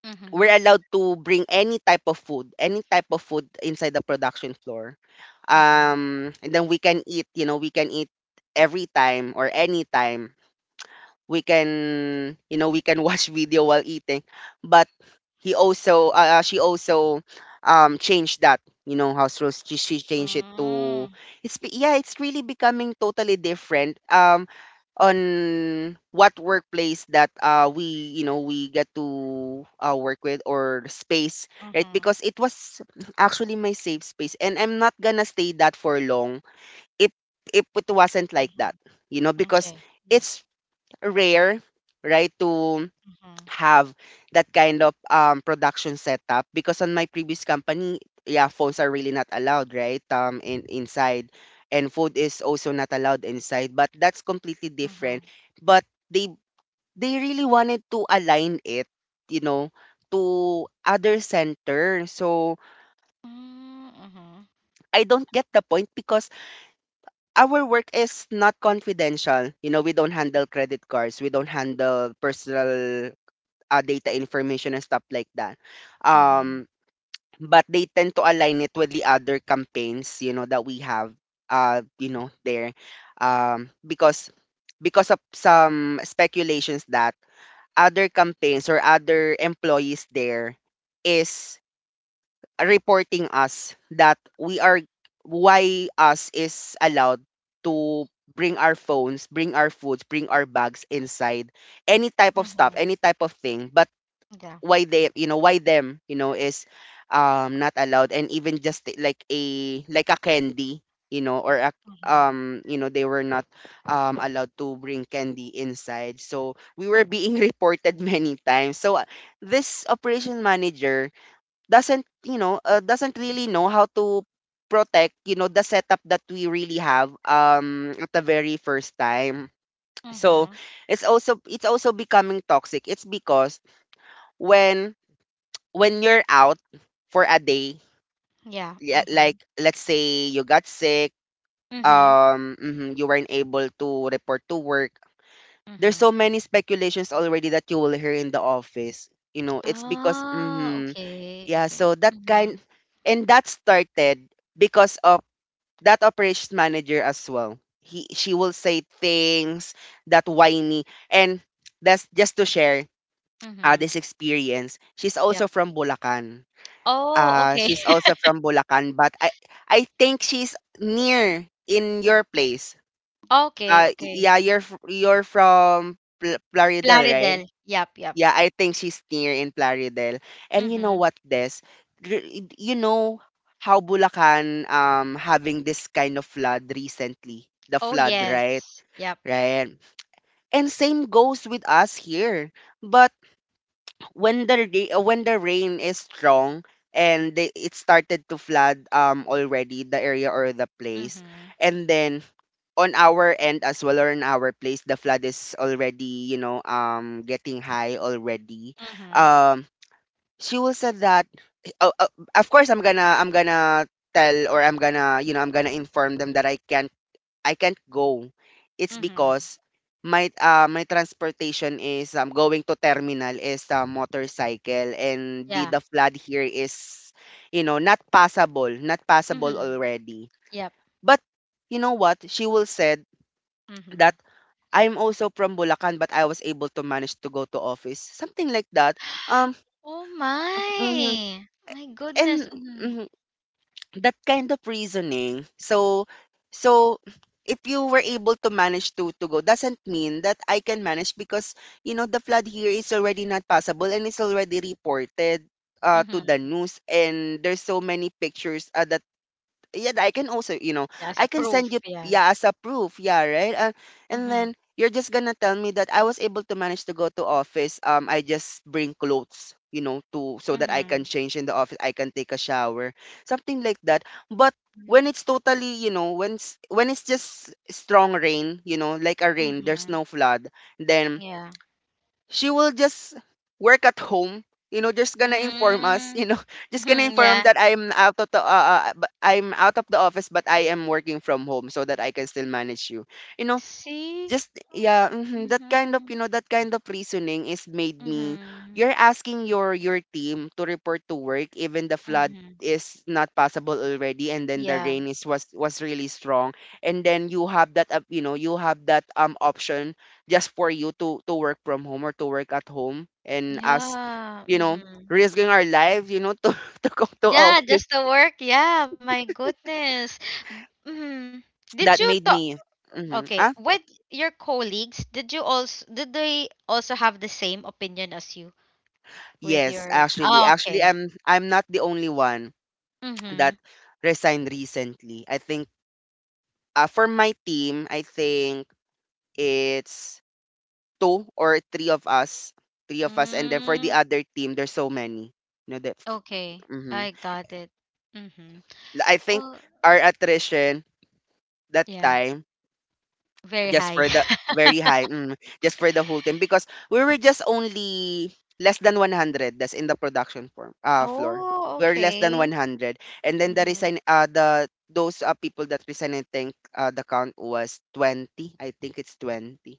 Speaker 1: Mm-hmm.
Speaker 2: we're allowed to bring any type of food, any type of food inside the production floor.
Speaker 1: Mm-hmm.
Speaker 2: And then we can eat, you know, we can eat every time or any time, we can, you know, we can watch video while eating. But he also, she also changed that, you know, house rules. She changed it to
Speaker 1: Mm.
Speaker 2: it's yeah, it's really becoming totally different, on what workplace that we, you know, we get to, work with or space, right?
Speaker 1: Mm-hmm.
Speaker 2: Because it was actually my safe space, and I'm not gonna stay that for long if if it wasn't like that, you know, because
Speaker 1: Okay. Yeah.
Speaker 2: it's rare, right, to
Speaker 1: Mm-hmm.
Speaker 2: have that kind of, production setup. Because on my previous company, yeah, phones are really not allowed, right, in inside, and food is also not allowed inside. But that's completely different.
Speaker 1: Mm-hmm.
Speaker 2: But they they really wanted to align it, you know, to other center. So
Speaker 1: Mm.
Speaker 2: I don't get the point because our work is not confidential. You know, we don't handle credit cards, we don't handle personal data information and stuff like that.
Speaker 1: Mm-hmm.
Speaker 2: Um, but they tend to align it with the other campaigns, you know, that we have, you know, there, um, because because of some speculations that other campaigns or other employees there is reporting us that we are, why us is allowed to bring our phones, bring our foods, bring our bags inside, any type of stuff,
Speaker 1: Mm-hmm.
Speaker 2: any type of thing. But
Speaker 1: Mm-hmm. Yeah.
Speaker 2: why they, you know, why them, you know, is not allowed, and even just like a, like a candy, you know, or a,
Speaker 1: Mm-hmm.
Speaker 2: you know, they were not allowed to bring candy inside. So we were being reported many times. So this operation manager doesn't, you know, doesn't really know how to protect, you know, the setup that we really have at the very first time. So
Speaker 1: Mm-hmm.
Speaker 2: it's also becoming toxic. It's because when when you're out for a day,
Speaker 1: Yeah.
Speaker 2: yeah, like
Speaker 1: Mm-hmm.
Speaker 2: let's say you got sick,
Speaker 1: Mm-hmm.
Speaker 2: mhm, you weren't able to report to work. There's so
Speaker 1: Mm-hmm.
Speaker 2: many speculations already that you will hear in the office. You know, it's because,
Speaker 1: Ah,
Speaker 2: mm-hmm,
Speaker 1: okay.
Speaker 2: yeah.
Speaker 1: Okay.
Speaker 2: So that kind,
Speaker 1: Mm-hmm.
Speaker 2: and that started because of that operations manager as well. He, she will say things that whiny, and that's just to share,
Speaker 1: Mm-hmm.
Speaker 2: this experience. She's also
Speaker 1: Yep.
Speaker 2: from Bulacan.
Speaker 1: Oh, okay.
Speaker 2: She's also from Bulacan, but I think she's near in your place.
Speaker 1: Okay,
Speaker 2: Uh,
Speaker 1: okay.
Speaker 2: yeah, you're you're from Plaridel, right?
Speaker 1: Plaridel. Yep, yep.
Speaker 2: Yeah, I think she's near in Plaridel. And you know
Speaker 1: Mm-hmm.
Speaker 2: what, Des? Gr- You know how Bulacan having this kind of flood recently, the
Speaker 1: Oh,
Speaker 2: flood, right?
Speaker 1: yes. Yep.
Speaker 2: Right. And same goes with us here. But when the when the rain is strong, and they, it started to flood already the area or the place,
Speaker 1: Mm-hmm.
Speaker 2: and then on our end as well, or in our place, the flood is already, you know, getting high already.
Speaker 1: Mm-hmm.
Speaker 2: um she will said that, oh, of course, I'm gonna tell, or I'm gonna, you know, I'm gonna inform them that I can't, I can't go. It's
Speaker 1: Mm-hmm.
Speaker 2: because my, my transportation is, going to terminal is a motorcycle, and
Speaker 1: Yeah.
Speaker 2: the flood here is, you know, not passable, not passable
Speaker 1: Mm-hmm.
Speaker 2: already.
Speaker 1: Yep.
Speaker 2: But you know what? She will said that
Speaker 1: Mhm.
Speaker 2: I'm also from Bulacan, but I was able to manage to go to office. Something like that. Um
Speaker 1: Oh
Speaker 2: mhm.
Speaker 1: my! My
Speaker 2: and
Speaker 1: goodness. Mhm.
Speaker 2: mhm. That kind of reasoning. So so if you were able to manage to go, doesn't mean that I can manage, because, you know, the flood here is already not possible, and it's already reported, to
Speaker 1: Mhm.
Speaker 2: the news, and there's so many pictures, that, yeah, I can also, you know,
Speaker 1: Yeah, as
Speaker 2: I
Speaker 1: a
Speaker 2: can send you,
Speaker 1: proof, yeah.
Speaker 2: yeah, as a proof, yeah, right? And
Speaker 1: Mhm.
Speaker 2: then you're just gonna tell me that I was able to manage to go to office. I just bring clothes, you know, to so that I can
Speaker 1: Mhm.
Speaker 2: change in the office, I can take a shower, something like that. But
Speaker 1: Mhm.
Speaker 2: when it's totally, you know, when it's just strong rain, you know, like a rain, there's
Speaker 1: Mhm.
Speaker 2: no flood, then
Speaker 1: Yeah.
Speaker 2: she will just work at home, you know, just gonna inform us, you
Speaker 1: Mm.
Speaker 2: know, just gonna
Speaker 1: Mhm.
Speaker 2: inform
Speaker 1: Yeah.
Speaker 2: that I'm out of the, I'm out of the office, but I am working from home, so that I can still manage you, you know.
Speaker 1: See?
Speaker 2: That kind of,
Speaker 1: Mhm.
Speaker 2: you know, that kind of reasoning is made me,
Speaker 1: Mhm.
Speaker 2: you're asking your team to report to work even the flood
Speaker 1: Mhm.
Speaker 2: is not possible already, and then the
Speaker 1: Yeah.
Speaker 2: rain is, was really strong. And then you have that, you know, you have that option just for you to work from home, or to work at home, and us,
Speaker 1: Yeah.
Speaker 2: you know,
Speaker 1: Mhm.
Speaker 2: risking our lives, you know, to to go to
Speaker 1: Yeah,
Speaker 2: office.
Speaker 1: just the work. Yeah, my goodness. Mhm. Did you
Speaker 2: That made
Speaker 1: talk.
Speaker 2: me mm-hmm,
Speaker 1: Okay,
Speaker 2: ah,
Speaker 1: with your colleagues, did you also did they also have the same opinion as you? With
Speaker 2: yes,
Speaker 1: your
Speaker 2: actually,
Speaker 1: Oh,
Speaker 2: actually,
Speaker 1: okay.
Speaker 2: I'm not the only one
Speaker 1: Mm-hmm.
Speaker 2: that resigned recently. I think, for my team, I think it's two or three of us, and then for the
Speaker 1: Mm,
Speaker 2: other team, there's so many. You know that.
Speaker 1: okay.
Speaker 2: Hmm.
Speaker 1: I got it. Mm-hmm.
Speaker 2: I think
Speaker 1: Well,
Speaker 2: our attrition that
Speaker 1: yeah,
Speaker 2: time,
Speaker 1: very
Speaker 2: just
Speaker 1: high.
Speaker 2: for the very high mm, just for the whole team, because we were just only less than 100, that's in the production form floor.
Speaker 1: Oh,
Speaker 2: We are less than
Speaker 1: okay.
Speaker 2: 100, and then the
Speaker 1: Mm-hmm.
Speaker 2: resign, the those, people that resign, I think, the count was 20. I think it's 20,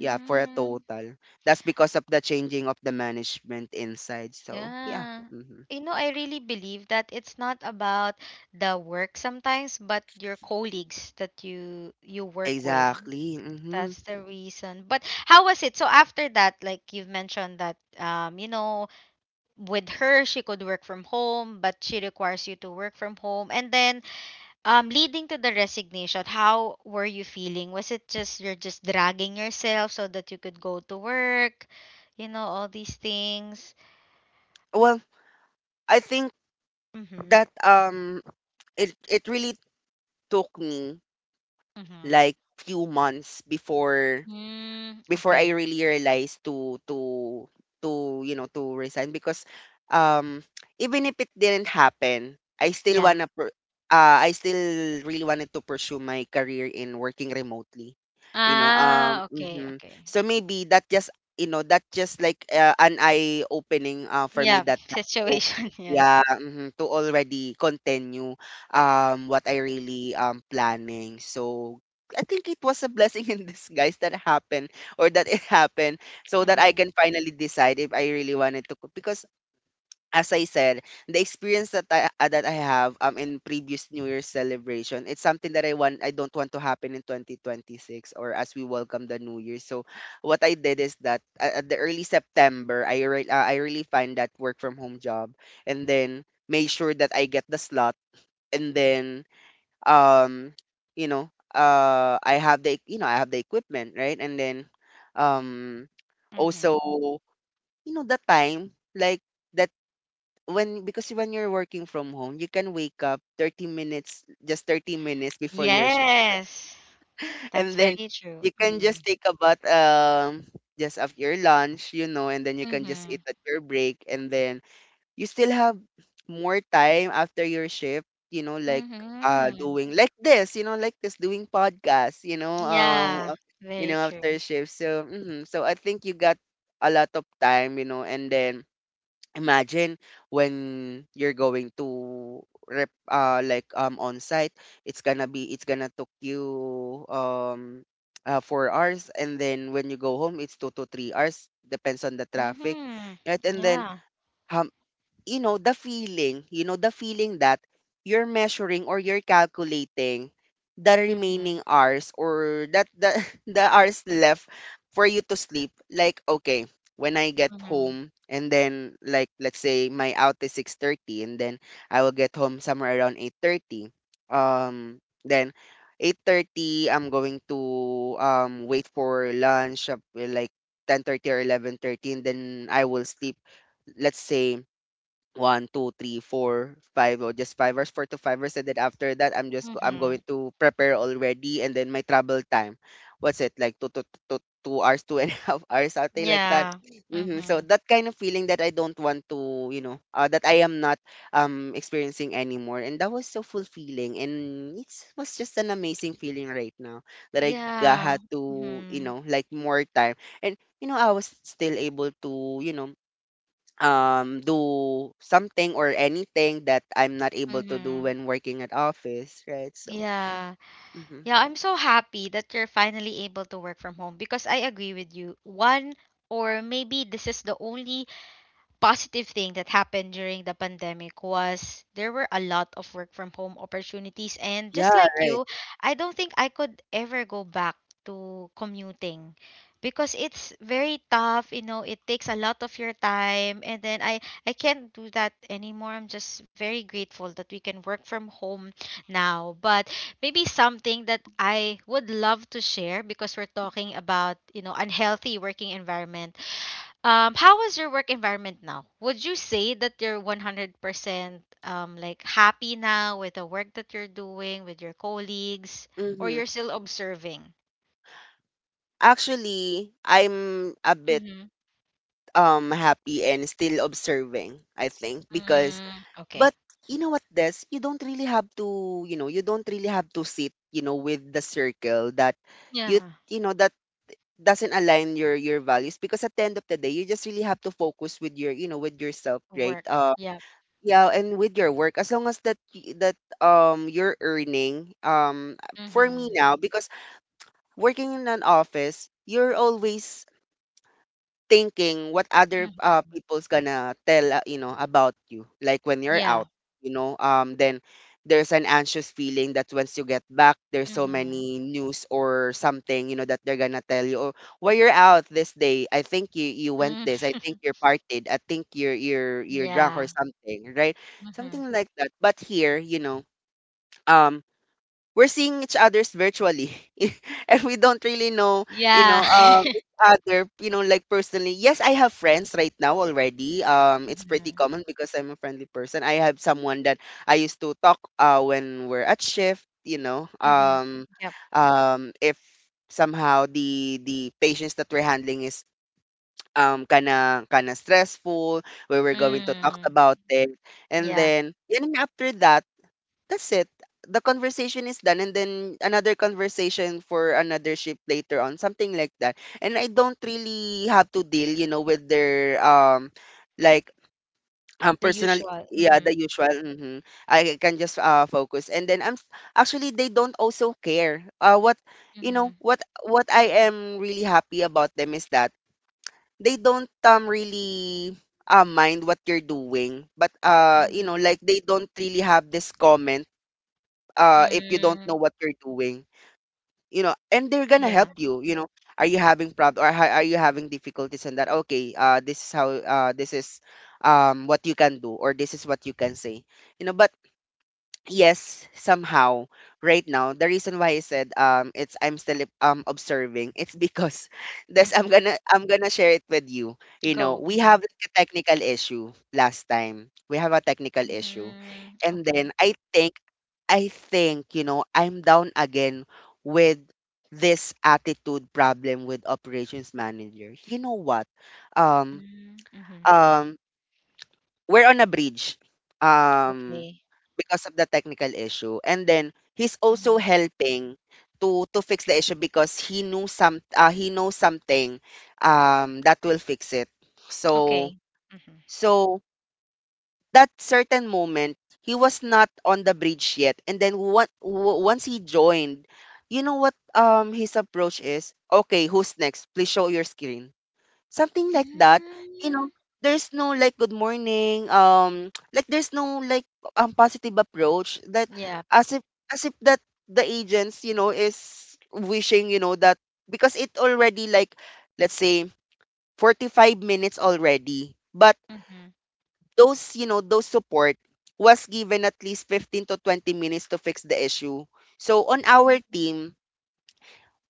Speaker 2: yeah, for a total. That's because of the changing of the management inside. So yeah,
Speaker 1: yeah.
Speaker 2: mhm.
Speaker 1: You know, I really believe that it's not about the work sometimes, but your colleagues that you work with.
Speaker 2: Exactly. Hmm.
Speaker 1: That's the reason. But how was it? So after that, like you've mentioned that you know, with her she could work from home but she requires you to work from home, and then leading to the resignation, how were you feeling? Was it just you're just dragging yourself so that you could go to work, you know, all these things?
Speaker 2: Well, I think
Speaker 1: Mhm.
Speaker 2: that it it really took me
Speaker 1: Mhm.
Speaker 2: like few months before,
Speaker 1: Mm,
Speaker 2: before I
Speaker 1: okay.
Speaker 2: really realized to you know, to resign, because um even if it didn't happen, I still
Speaker 1: Yeah.
Speaker 2: wanna I still really wanted to pursue my career in working remotely. You know,
Speaker 1: Ah, okay, okay.
Speaker 2: so maybe that just, you know, that just like, an eye opening, for me
Speaker 1: Yeah.
Speaker 2: that time to,
Speaker 1: Situation, yeah.
Speaker 2: yeah, mhm, to already continue what I really planning. So I think it was a blessing in disguise that happened, or that it happened, so that I can
Speaker 1: Mhm.
Speaker 2: finally decide if I really wanted to cook. Because as I said, the experience that I, that I have in previous New Year's celebration, it's something that I don't want to happen in 2026, or as we welcome the New Year. So what I did is that, at the early September, I really find that work from home job, and then made sure that I get the slot, and then, um you know, I have the, you know, I have the equipment, right? And then, um
Speaker 1: Mhm.
Speaker 2: also, you know, the time like that, when, because when you're working from home you can wake up 30 minutes, just 30 minutes before your shift
Speaker 1: Yes. That's
Speaker 2: and then
Speaker 1: very true.
Speaker 2: you can
Speaker 1: Mhm.
Speaker 2: just take a bath, just after your lunch, you know, and then you can just
Speaker 1: Mm-hmm.
Speaker 2: eat at your break, and then you still have more time after your shift, you know, like
Speaker 1: Mm-hmm.
Speaker 2: doing like this, you know, like this doing podcasts, you know,
Speaker 1: Yeah,
Speaker 2: you
Speaker 1: very
Speaker 2: know, after
Speaker 1: true.
Speaker 2: shift. So, mhm. So I think you got a lot of time, and then imagine when you're going to rep like on site, it's gonna took you 4 hours, and then when you go home, it's 2 to 3 hours, depends on the traffic,
Speaker 1: Mm-hmm.
Speaker 2: right? And then
Speaker 1: Yeah.
Speaker 2: how, the feeling, the feeling that you're measuring or you're calculating the
Speaker 1: Mm-hmm.
Speaker 2: remaining hours, or that the the hours left for you to sleep. Like, okay, when I get
Speaker 1: Mm-hmm.
Speaker 2: home, and then like let's say my out is 6:30, and then I will get home somewhere around 8:30. Um then 8:30 I'm going to wait for lunch up, like 10:30 or 11:30, and then I will sleep, let's say one, two, three, four, five, or just 5 hours, 4 to 5 hours, and then after that, I'm
Speaker 1: Mm-hmm.
Speaker 2: going to prepare already, and then my travel time, what's it like two two two two hours, two and a half hours, something like that.
Speaker 1: Yeah.
Speaker 2: So
Speaker 1: Mm-hmm.
Speaker 2: that kind of feeling that I don't want to, that I am not experiencing anymore, and that was so fulfilling, and it was just an amazing feeling right now that
Speaker 1: Yeah.
Speaker 2: had to,
Speaker 1: Mm-hmm.
Speaker 2: like more time, and I was still able to, do something or anything that I'm not able to do
Speaker 1: Mm-hmm.
Speaker 2: when working at office, right? So,
Speaker 1: Yeah.
Speaker 2: mhm.
Speaker 1: Yeah, I'm so happy that you're finally able to work from home because I agree with you. One, or maybe this is the only positive thing that happened during the pandemic, was there were a lot of work from home opportunities. And
Speaker 2: Yeah,
Speaker 1: just like you,
Speaker 2: right.
Speaker 1: I don't think I could ever go back to commuting because it's very tough. It takes a lot of your time. And then I can't do that anymore. I'm just very grateful that we can work from home now. But maybe something that I would love to share, because we're talking about unhealthy working environment, how is your work environment now? Would you say that you're 100% like happy now with the work that you're doing with your colleagues, or
Speaker 2: Mhm.
Speaker 1: you're still observing?
Speaker 2: Actually, I'm a bit
Speaker 1: Mm-hmm.
Speaker 2: happy and still observing, I think, because,
Speaker 1: Mm, okay.
Speaker 2: but you know what, this, you don't really have to, you don't really have to sit, with the circle that you
Speaker 1: Yeah.
Speaker 2: you know that doesn't align your values, because at the end of the day you just really have to focus with your you know with yourself, right?
Speaker 1: Work. Yeah.
Speaker 2: Yeah, and with your work, as long as that that you're earning, for me
Speaker 1: Mm-hmm.
Speaker 2: now, because working in an office, you're always thinking what other,
Speaker 1: Hmm.
Speaker 2: people's gonna tell, about you, like when you're out,
Speaker 1: Yeah.
Speaker 2: you know? Then there's an anxious feeling that once you get back, there's so
Speaker 1: Mm-hmm.
Speaker 2: many news or something, that they're gonna tell you, oh, well, you're out this day. I think you went
Speaker 1: Mm,
Speaker 2: this. I think you're partied. I think you're you're you're drunk or
Speaker 1: yeah.
Speaker 2: something, right?
Speaker 1: Mm-hmm.
Speaker 2: Something like that. But here, um we're seeing each other's virtually and we don't really know
Speaker 1: Yeah.
Speaker 2: each other, like personally. Yes, I have friends right now already. It's pretty
Speaker 1: Mm-hmm.
Speaker 2: common because I'm a friendly person. I have someone that I used to talk when we're at shift,
Speaker 1: Mm-hmm. Yep.
Speaker 2: if somehow the patients that we're handling is kinda stressful, where we're going to talk
Speaker 1: Mm.
Speaker 2: about it. And
Speaker 1: Yeah.
Speaker 2: then yun nga, after that, that's it. The conversation is done, and then another conversation for another ship later on, something like that. And I don't really have to deal, with their like
Speaker 1: The
Speaker 2: personal,
Speaker 1: usual.
Speaker 2: yeah,
Speaker 1: Mm-hmm.
Speaker 2: the usual. Mhm. I can just focus, and then actually they don't also care. What, you
Speaker 1: Mm-hmm.
Speaker 2: know, what what I am really happy about them is that they don't really mind what you're doing, but
Speaker 1: Mm-hmm.
Speaker 2: like they don't really have this comment if you don't
Speaker 1: Mm.
Speaker 2: know what you're doing, and they're gonna help
Speaker 1: Yeah.
Speaker 2: you, you know are you having problem, or are you having difficulties in that. Okay, this is how, this is what you can do, or this is what you can say, you know. But yes, somehow right now, the reason why I said it's, I'm still observing, it's because this, I'm gonna share it with you. You know
Speaker 1: Go.
Speaker 2: We have
Speaker 1: Mhm.
Speaker 2: a technical issue. Last time, we have a technical issue,
Speaker 1: Mm,
Speaker 2: and
Speaker 1: okay.
Speaker 2: then I think, I'm down again with this attitude problem with operations manager. You know what, um
Speaker 1: Mm, mhm.
Speaker 2: um we're on a bridge, um,
Speaker 1: Okay.
Speaker 2: because of the technical issue. And then he's also
Speaker 1: Mhm.
Speaker 2: helping to fix the issue, because he knows something that will fix it. So
Speaker 1: Okay. Mhm.
Speaker 2: so that certain moment, he was not on the bridge yet, and then once he joined, you know what, his approach is, okay, who's next, please show your screen, something like that. you know
Speaker 1: Mm,
Speaker 2: there's no like good morning, like there's no like positive approach, that
Speaker 1: yeah.
Speaker 2: as if as if that the agents, you know, is wishing, you know, that, because it already like, let's say, 45 minutes already. But
Speaker 1: Mhm.
Speaker 2: those you know those support was given at least 15 to 20 minutes to fix the issue. So on our
Speaker 1: Mm,
Speaker 2: team,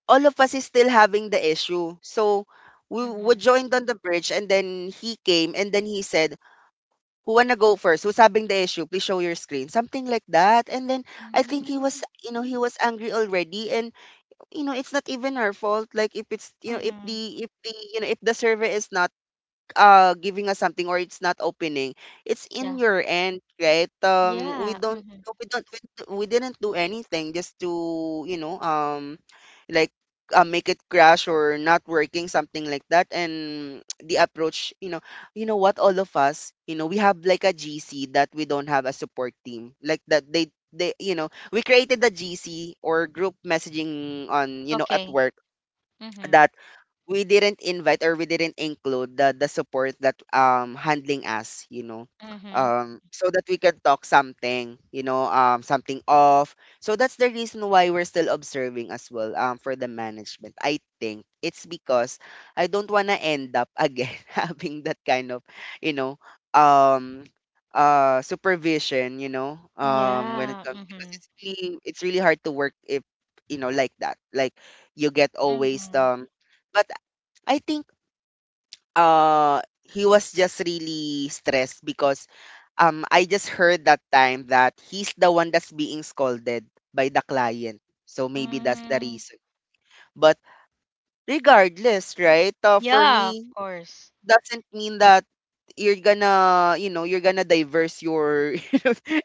Speaker 2: all of us is still having the issue. So we
Speaker 1: mhm.
Speaker 2: joined on the bridge, and then he came, and then he said, who wanna go first? Who's having the issue? Please show your screen. Something like that. And then I think he
Speaker 1: Mm,
Speaker 2: was you know, he was angry already, and it's not even her fault. Like, if it's, if
Speaker 1: mhm.
Speaker 2: the, if the server is not giving us something, or it's not opening, it's in
Speaker 1: Yeah.
Speaker 2: your end, right? We
Speaker 1: Yeah.
Speaker 2: don't,
Speaker 1: Mhm.
Speaker 2: we didn't do anything just to, like make it crash or not working, something like that. And the approach, what, all of us, we have like a gc, that we don't have a support team like that. They, we created the gc or group messaging on, at
Speaker 1: Okay.
Speaker 2: work,
Speaker 1: Mhm.
Speaker 2: that we didn't invite or we didn't include the support that handling us, you know.
Speaker 1: Mhm.
Speaker 2: So that we can talk something, something off. So that's the reason why we're still observing as well, for the management, I think. It's because I don't want to end up again having that kind of, you know um supervision, when it
Speaker 1: Yeah.
Speaker 2: comes, because
Speaker 1: Mhm.
Speaker 2: it's really hard to work if, like that. Like, you get always,
Speaker 1: Mhm.
Speaker 2: but I think, uh he was just really stressed because I just heard that time that he's the one that's being scolded by the client. So maybe that's the
Speaker 1: Mm,
Speaker 2: reason. But regardless, right? For
Speaker 1: yeah, of
Speaker 2: me,
Speaker 1: course.
Speaker 2: doesn't mean that you're gonna, you're gonna diverse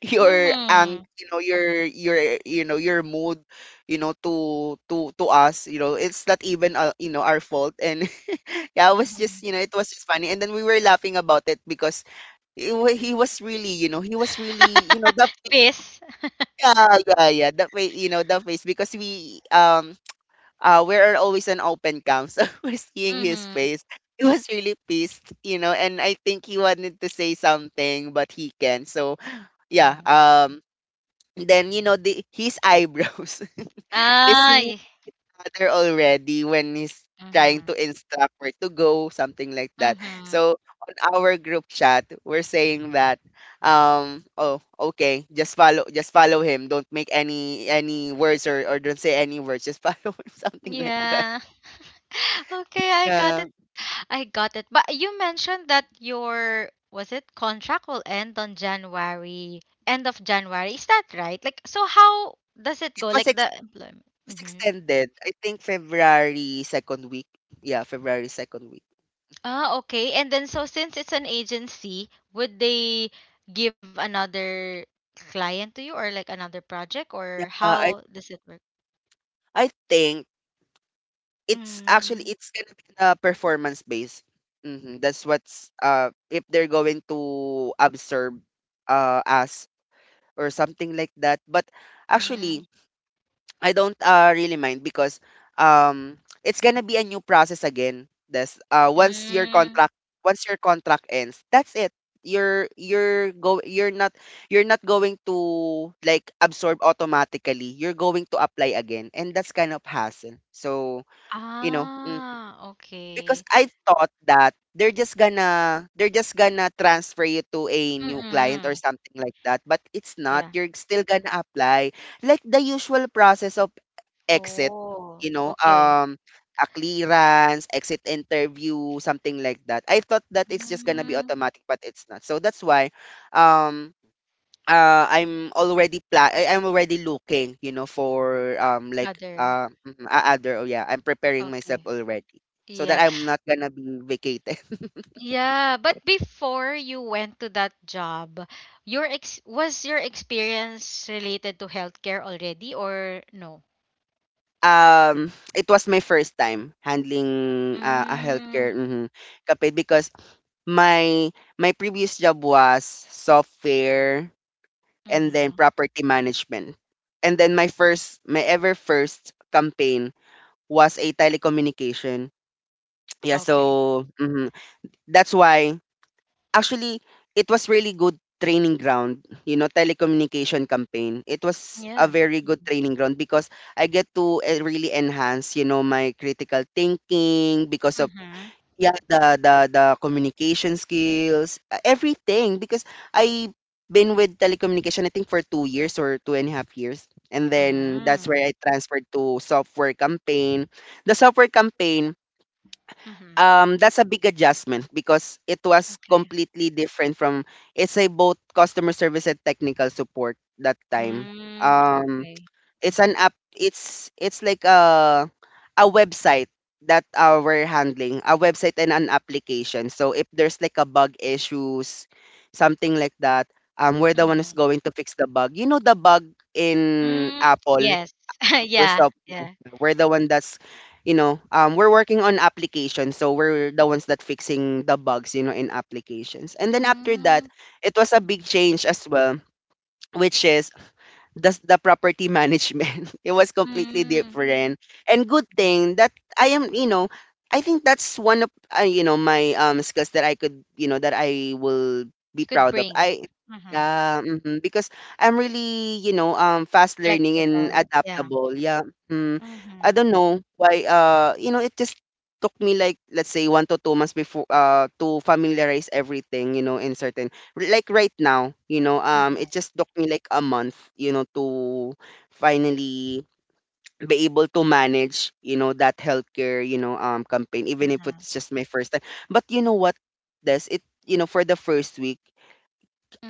Speaker 2: your ang
Speaker 1: Mhm.
Speaker 2: you know your your mood, to us, it's not even, our fault. And yeah, I was just,
Speaker 1: Mhm.
Speaker 2: it was just funny, and then we were laughing about it, because he was really,
Speaker 1: Peace.
Speaker 2: Yeah, yeah, yeah, the way, the face, because we, we are always an open cam. So we're seeing his
Speaker 1: Mhm.
Speaker 2: face. He was really pissed, and I think he wanted to say something, but he can't. So yeah
Speaker 1: Mhm.
Speaker 2: um. Then, the his eyebrows is
Speaker 1: Ah.
Speaker 2: in
Speaker 1: Y-
Speaker 2: other already when he's trying to
Speaker 1: Mhm.
Speaker 2: instruct where to go, something like that.
Speaker 1: Mhm.
Speaker 2: So on our group chat, we're saying that, oh, okay, just follow him. Don't make any words, or don't say any words. Just follow him, something like that.
Speaker 1: Yeah. Okay, I got
Speaker 2: Yeah,
Speaker 1: it. I got it. But you mentioned that your, was it, contract will end on January, end of January. Is that right? Like, so how does it
Speaker 2: it
Speaker 1: go?
Speaker 2: was
Speaker 1: Like
Speaker 2: ex-
Speaker 1: the employment.
Speaker 2: it was
Speaker 1: Hmm.
Speaker 2: extended. I think February second week. Yeah, February second week.
Speaker 1: Ah, okay. And then, so since it's an agency, would they give another client to you, or like another project, or
Speaker 2: Yeah,
Speaker 1: how
Speaker 2: I
Speaker 1: does it work?
Speaker 2: I think, it's
Speaker 1: Mm,
Speaker 2: actually it's gonna be performance based. That's what's, if they're going to absorb us or something like that. But
Speaker 1: mm,
Speaker 2: actually, I don't really mind, because um it's gonna be a new process again. That's, once your
Speaker 1: mm.
Speaker 2: contract once your contract ends, that's it. You're you're go you're not you're not going to like absorb automatically. You're going to apply again, and that's kind of hassle. So, you know.
Speaker 1: Ah, okay.
Speaker 2: Because I thought that they're just gonna transfer you to a new client
Speaker 1: Mm-mm.
Speaker 2: or something like that, but it's not. You're still gonna apply, like the usual process of exit,
Speaker 1: Oh,
Speaker 2: you know,
Speaker 1: okay.
Speaker 2: um a clearance, exit interview, something like that. I thought that it's just gonna be
Speaker 1: Mm,
Speaker 2: automatic, but it's not. So that's why, um I'm already looking, for, like,
Speaker 1: other.
Speaker 2: a- other, oh yeah, I'm preparing myself
Speaker 1: Okay.
Speaker 2: already so
Speaker 1: Yeah.
Speaker 2: that I'm not gonna be vacated.
Speaker 1: Yeah, but before you went to that job, your ex was your experience related to healthcare already or no?
Speaker 2: It was my first time handling, a
Speaker 1: Mm,
Speaker 2: healthcare, kapit, because my my previous job was software, and then
Speaker 1: mm-hmm.
Speaker 2: property management. And then my ever first campaign was a telecommunication. Yeah,
Speaker 1: Okay.
Speaker 2: so, that's why. Actually, it was really good training ground, telecommunication campaign. It was a
Speaker 1: Yeah.
Speaker 2: very
Speaker 1: Mm-hmm.
Speaker 2: good training ground because I get to really enhance, you know, my critical thinking because of
Speaker 1: Mm-hmm.
Speaker 2: yeah, the communication skills, everything because I been with telecommunication I think for 2 years or 2.5 years. And then that's where I transferred to software campaign. The software campaign
Speaker 1: Mm-hmm.
Speaker 2: that's a big adjustment because it was
Speaker 1: Okay.
Speaker 2: completely different from it's a both customer service and technical support that time
Speaker 1: Mm,
Speaker 2: um
Speaker 1: okay.
Speaker 2: it's
Speaker 1: Mm-hmm.
Speaker 2: an app it's like a website that we're handling a website and an application. So if there's like a bug issues, something like that, we're the one
Speaker 1: Mm-hmm.
Speaker 2: who's going to fix the bug, you know, the bug in
Speaker 1: Mm,
Speaker 2: apple
Speaker 1: yes.
Speaker 2: full
Speaker 1: Yeah.
Speaker 2: stop.
Speaker 1: Yeah.
Speaker 2: We're the one that's, we're working on applications, so we're the ones that fixing the bugs, in applications. And then after
Speaker 1: Mm,
Speaker 2: that, it was a
Speaker 1: mhm.
Speaker 2: big change as well, which is the property management. It was completely
Speaker 1: Mm.
Speaker 2: different. And good
Speaker 1: Mhm.
Speaker 2: thing that I am, you know, I think that's one of you know my skills that I could, you know, that I will be
Speaker 1: Could
Speaker 2: proud of.
Speaker 1: bring.
Speaker 2: I
Speaker 1: Mm-hmm.
Speaker 2: yeah, hmm Because I'm really, you know, fast learning and
Speaker 1: Flexible, yeah.
Speaker 2: adaptable. Yeah. Mm. I
Speaker 1: Mm-hmm.
Speaker 2: don't know why you know, it just took me like, let's say, 1 to 2 months before to familiarize everything, you know, in certain, like right now, it
Speaker 1: Mm-hmm.
Speaker 2: just took me like a month, you know, to finally be able to manage, you know, that healthcare, campaign, even if
Speaker 1: Mm-hmm.
Speaker 2: it's just my first time. But you know what, Des, you know, for the first week,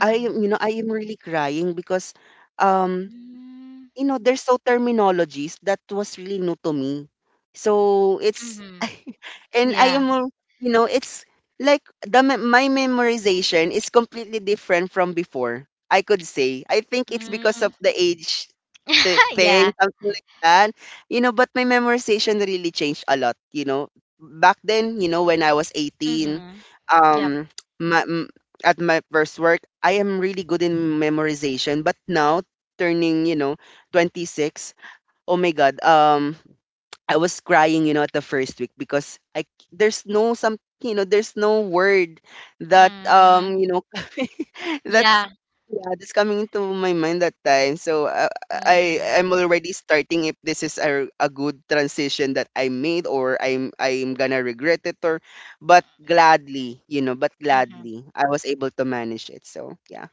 Speaker 2: I am, you know, I am really crying because, um,
Speaker 1: Mm-hmm.
Speaker 2: you know, there's so terminologies that was really new to me. So it's
Speaker 1: Mm-hmm.
Speaker 2: and
Speaker 1: Yeah.
Speaker 2: you know, it's like my memorization is completely different from before, I could say. I think it's because
Speaker 1: Mm-hmm.
Speaker 2: of the age the thing,
Speaker 1: Yeah.
Speaker 2: something like that. You know, but my memorization really changed a lot, you know. Back then, you know, when I was 18,
Speaker 1: Mm-hmm. Yep.
Speaker 2: um my, at my first work, I am really good in memorization, but now turning, you know, 26. Oh my god. I was crying, you know, at the first week because there's no some, you know, there's no word that
Speaker 1: Mm-hmm.
Speaker 2: you know, that's
Speaker 1: Yeah.
Speaker 2: yeah, that's coming into my mind that time. So
Speaker 1: Mm-hmm.
Speaker 2: I'm already starting if this is a good transition that I made, or I'm gonna regret it, or but gladly, you know, but
Speaker 1: Mm-hmm.
Speaker 2: gladly I was able to manage it. So yeah.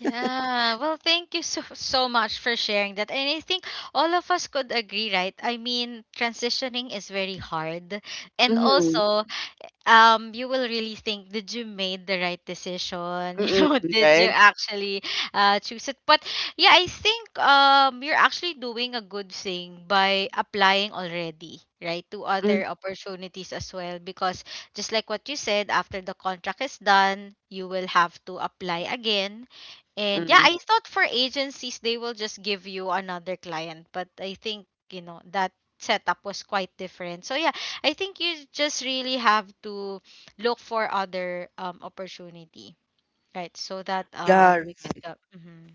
Speaker 1: Yeah, well, thank you so so much for sharing that. And I think all of us could agree, right? I mean, transitioning is very hard. And
Speaker 2: Mhm.
Speaker 1: also, you will really think, did you made the right decision?
Speaker 2: Mm-mm,
Speaker 1: Did
Speaker 2: right?
Speaker 1: you actually choose it? But yeah, I think you're actually doing a good thing by applying already, right, to other opportunities as well. Because just like what you said, after the contract is done, you will have to apply again. And yeah,
Speaker 2: Mm-mm.
Speaker 1: I thought for agencies they will just give you another client, but I think that setup was quite different. So yeah, I think you just really have to look for other opportunity, right? So that
Speaker 2: Yeah.
Speaker 1: you could mhm.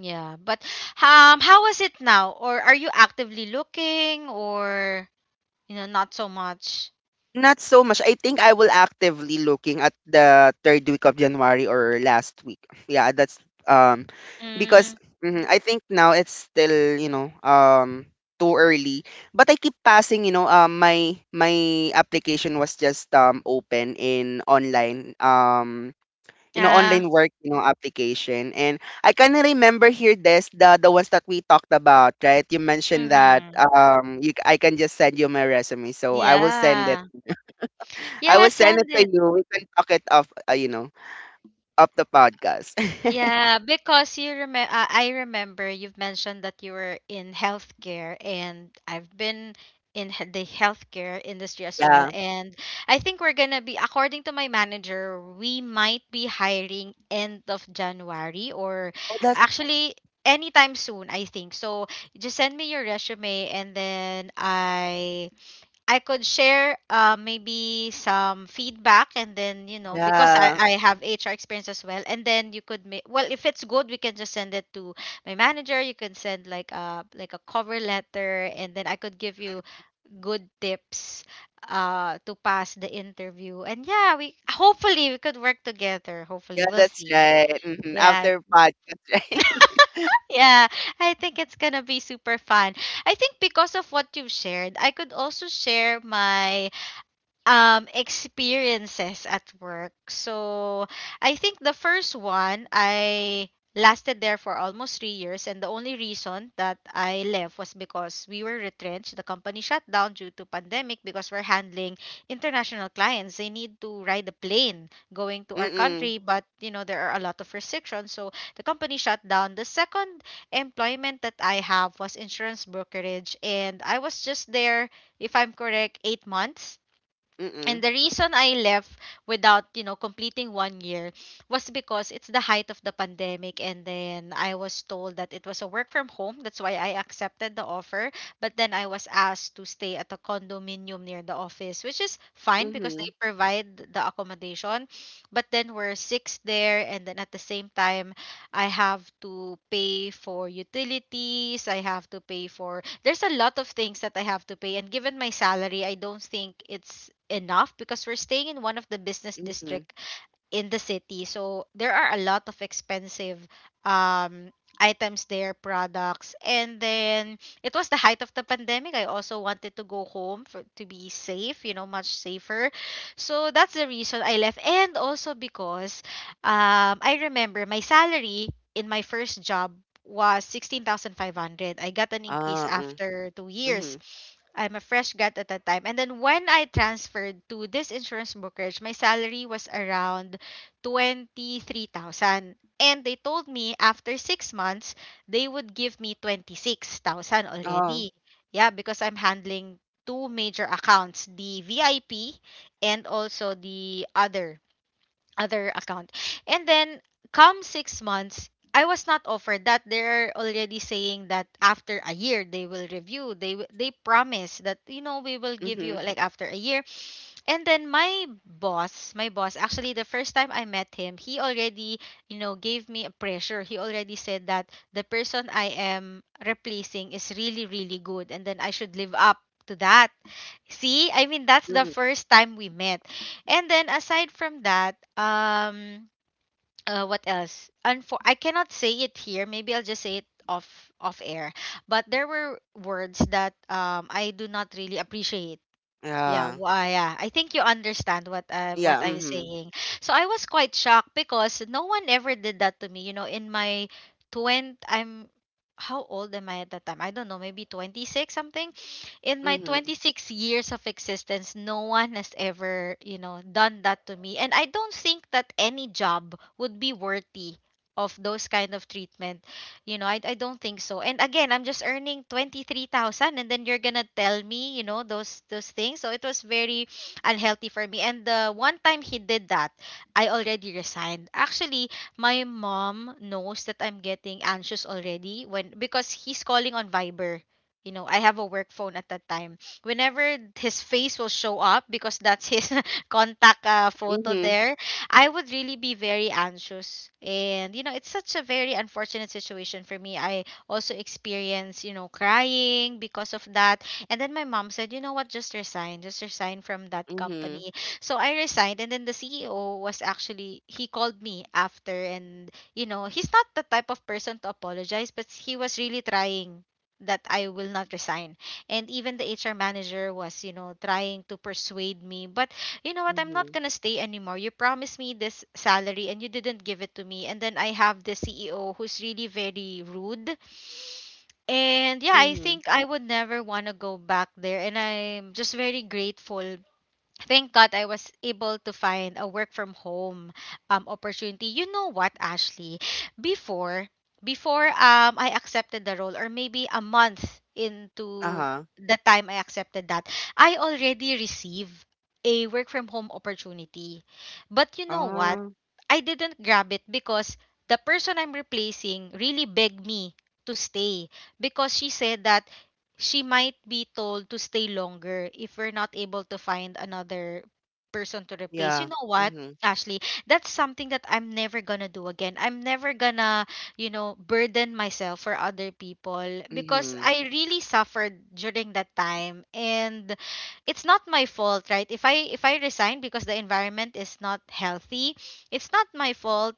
Speaker 1: Yeah. But how is it now? Or are you actively looking, or not so much?
Speaker 2: Not so much. I think I will actively looking at the third week of January or last week. Yeah, that's um because
Speaker 1: Mm.
Speaker 2: mhm, I think now it's still, you know, too early. But I keep passing, you know, my application was just open in online you know
Speaker 1: Ah.
Speaker 2: online work, you know, application. And I kinda remember here this the ones that we talked about, right? You mentioned that
Speaker 1: Mhm.
Speaker 2: you I can just send you my resume. So I will send it.
Speaker 1: Yeah.
Speaker 2: I
Speaker 1: Yeah,
Speaker 2: will send
Speaker 1: send
Speaker 2: it to
Speaker 1: it.
Speaker 2: you. We can talk it off, you know, off the podcast.
Speaker 1: Yeah, because you remember, I remember you've mentioned that you were in healthcare, and I've been in the healthcare industry as well.
Speaker 2: Yeah.
Speaker 1: And I think we're gonna be, according to my manager, we might be hiring end of January, or
Speaker 2: Oh, that's
Speaker 1: actually anytime soon, I think. So just send me your resume, and then I could share maybe some feedback, and then, because I,
Speaker 2: yeah.
Speaker 1: I have HR experience as well. And then you could make, well, if it's good, we can just send it to my manager. You can send like a cover letter, and then I could give you good tips to pass the interview. And yeah, hopefully we could work together.
Speaker 2: Yeah,
Speaker 1: Hopefully we'll
Speaker 2: that's
Speaker 1: see.
Speaker 2: right. Hmm.
Speaker 1: Yeah.
Speaker 2: After podcast, right?
Speaker 1: Yeah, I think it's gonna be super fun. I think because of what you've shared, I could also share my experiences at work. So I think the first one I lasted there for almost 3 years, and the only reason that I left was because we were retrenched. The company shut down due to pandemic because we're handling international clients. They need to ride a plane going to our
Speaker 2: Mm-mm.
Speaker 1: country, but there are a lot of restrictions. So the company shut down. The second employment that I have was insurance brokerage, and I was just there, if I'm correct, 8 months.
Speaker 2: Mm-mm.
Speaker 1: And the reason I left without completing one year was because it's the height of the pandemic. And then I was told that it was a work from home. That's why I accepted the offer. But then I was asked to stay at a condominium near the office, which is fine because
Speaker 2: Mm-hmm.
Speaker 1: they provide the accommodation. But then we're six there. And then at the same time, I have to pay for utilities. I have to pay for. There's a lot of things that I have to pay. And given my salary, I don't think it's enough because we're staying in one of the business
Speaker 2: Mm-hmm.
Speaker 1: district in the city. So there are a lot of expensive um items there, products. And then it was the height of the pandemic. I also wanted to go home for to be safe, much safer. So that's the reason I left. And also because I remember my salary in my first job was 16,500. I got an increase
Speaker 2: Mm,
Speaker 1: after 2
Speaker 2: mm-hmm.
Speaker 1: years. I'm a fresh grad at that time. And then when I transferred to this insurance brokerage, my salary was around 23,000. And they told me after 6 months, they would give me 26,000
Speaker 2: Oh.
Speaker 1: already. Yeah, because I'm handling two major accounts, the VIP and also the other account. And then come 6 months, I was not offered that. They're already saying that after a year they will review. They promise that we will give
Speaker 2: Mm-hmm.
Speaker 1: you, like, after a year. And then my boss, actually the first time I met him, he already gave me a pressure. He already said that the person I am replacing is really, really good, and then I should live up to that. See? I mean, that's the
Speaker 2: Mm-hmm.
Speaker 1: first time we met. And then aside from that, what else? I cannot say it here. Maybe I'll just say it off air. But there were words that I do not really appreciate. Yeah,
Speaker 2: Yeah.
Speaker 1: well, yeah. I think you understand what
Speaker 2: Yeah.
Speaker 1: I'm
Speaker 2: Mm-hmm.
Speaker 1: saying. So I was quite shocked because no one ever did that to me. You know, in my 20, I'm how old am I at that time? I don't know, maybe 26 something. In my
Speaker 2: Mm-hmm.
Speaker 1: 26 years of existence, no one has ever done that to me. And I don't think that any job would be worthy of those kind of treatment. I don't think so. And again, I'm just earning 23,000, and then you're going to tell me, those things. So it was very unhealthy for me. And the one time he did that, I already resigned. Actually, my mom knows that I'm getting anxious already when, because he's calling on Viber. You know, I have a work phone at that time. Whenever his face will show up, because that's his contact photo
Speaker 2: Mm-hmm.
Speaker 1: there, I would really be very anxious. And it's such a very unfortunate situation for me. I also experienced crying because of that. And then my mom said, you know what, just resign from that
Speaker 2: Mm-hmm.
Speaker 1: company. So I resigned. And then the CEO was actually, he called me after. And he's not the type of person to apologize, but he was really trying that I will not resign. And even the HR manager was trying to persuade me. But you know what? I'm
Speaker 2: Mm-hmm.
Speaker 1: not gonna stay anymore. You promised me this salary and you didn't give it to me. And then I have the CEO who's really very rude. And yeah, I
Speaker 2: Mm-hmm.
Speaker 1: think I would never wanna go back there. And I'm just very grateful, thank God I was able to find a work from home opportunity. You know what, Ashley? Before before I accepted the role, or maybe a month into
Speaker 2: Uh-huh.
Speaker 1: the time I accepted that, I already received a work from home opportunity. But you know what?
Speaker 2: Uh,
Speaker 1: I didn't grab it because the person I'm replacing really begged me to stay, because she said that she might be told to stay longer if we're not able to find another person to replace.
Speaker 2: yeah.
Speaker 1: You know what,
Speaker 2: Mm-hmm.
Speaker 1: Ashley? That's something that I'm never gonna do again. I'm never gonna, burden myself for other people, because
Speaker 2: Mm-hmm.
Speaker 1: I really suffered during that time, and it's not my fault, right? If I resign because the environment is not healthy, it's not my fault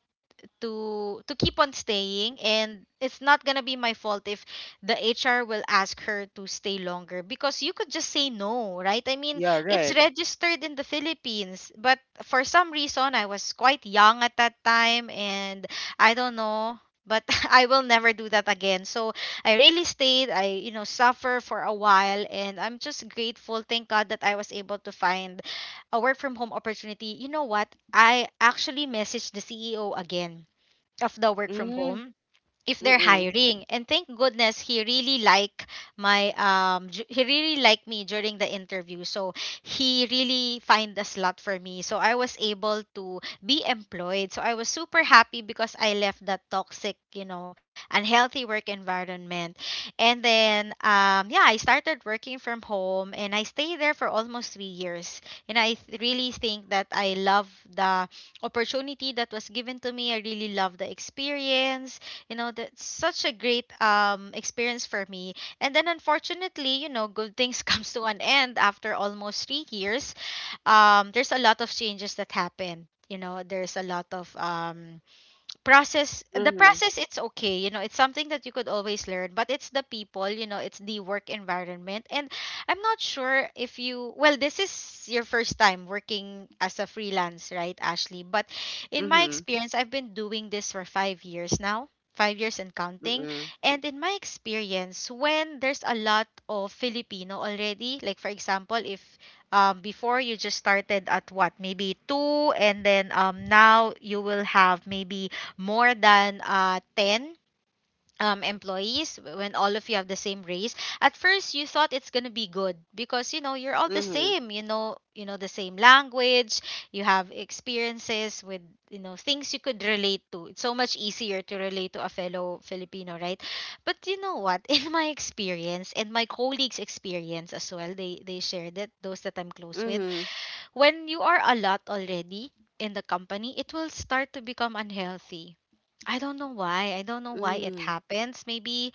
Speaker 1: to keep on staying, and it's not going to be my fault if the HR will ask her to stay longer, because you could just say no, right? I mean,
Speaker 2: Yeah, right.
Speaker 1: it's registered in the Philippines, but for some reason I was quite young at that time and I don't know, but I will never do that again. So I really stayed. I suffer for a while, and I'm just grateful. Thank God that I was able to find a work from home opportunity. You know what? I actually messaged the CEO again of the work from
Speaker 2: Mm-hmm.
Speaker 1: home if they're
Speaker 2: Mm-mm.
Speaker 1: hiring, and thank goodness he really like my he really liked me during the interview, so he really find a slot for me, so I was able to be employed. So I was super happy because I left that toxic, unhealthy work environment. And then yeah, I started working from home and I stayed there for almost 3 years, and I really think that I love the opportunity that was given to me. I really love the experience. You know, that's such a great experience for me. And then unfortunately, you know, good things comes to an end after almost 3 years. There's a lot of changes that happened. You know, there's a lot of process the
Speaker 2: Mm-hmm.
Speaker 1: process it's okay, you know. It's something that you could always learn, but it's the people, you know, it's the work environment. And I'm not sure if you, well, this is your first time working as a freelance, right, Ashley? But in my
Speaker 2: Mm-hmm.
Speaker 1: experience, I've been doing this for 5 years now, 5 years and counting.
Speaker 2: Mm-mm.
Speaker 1: And in my experience, when there's a lot of Filipino already, like for example, if before you just started at what, maybe two, and then now you will have maybe more than 10 employees. When all of you have the same race, at first you thought it's going to be good because, you know, you're all the
Speaker 2: Mhm.
Speaker 1: same, you know, you know the same language, you have experiences with, you know, things you could relate to. It's so much easier to relate to a fellow Filipino, right? But you know what, in my experience and my colleagues experience as well, they shared it, those that I'm close with,
Speaker 2: Mhm.
Speaker 1: when you are a lot already in the company, it will start to become unhealthy. I don't know why. I don't know why it
Speaker 2: Mm.
Speaker 1: happens. Maybe,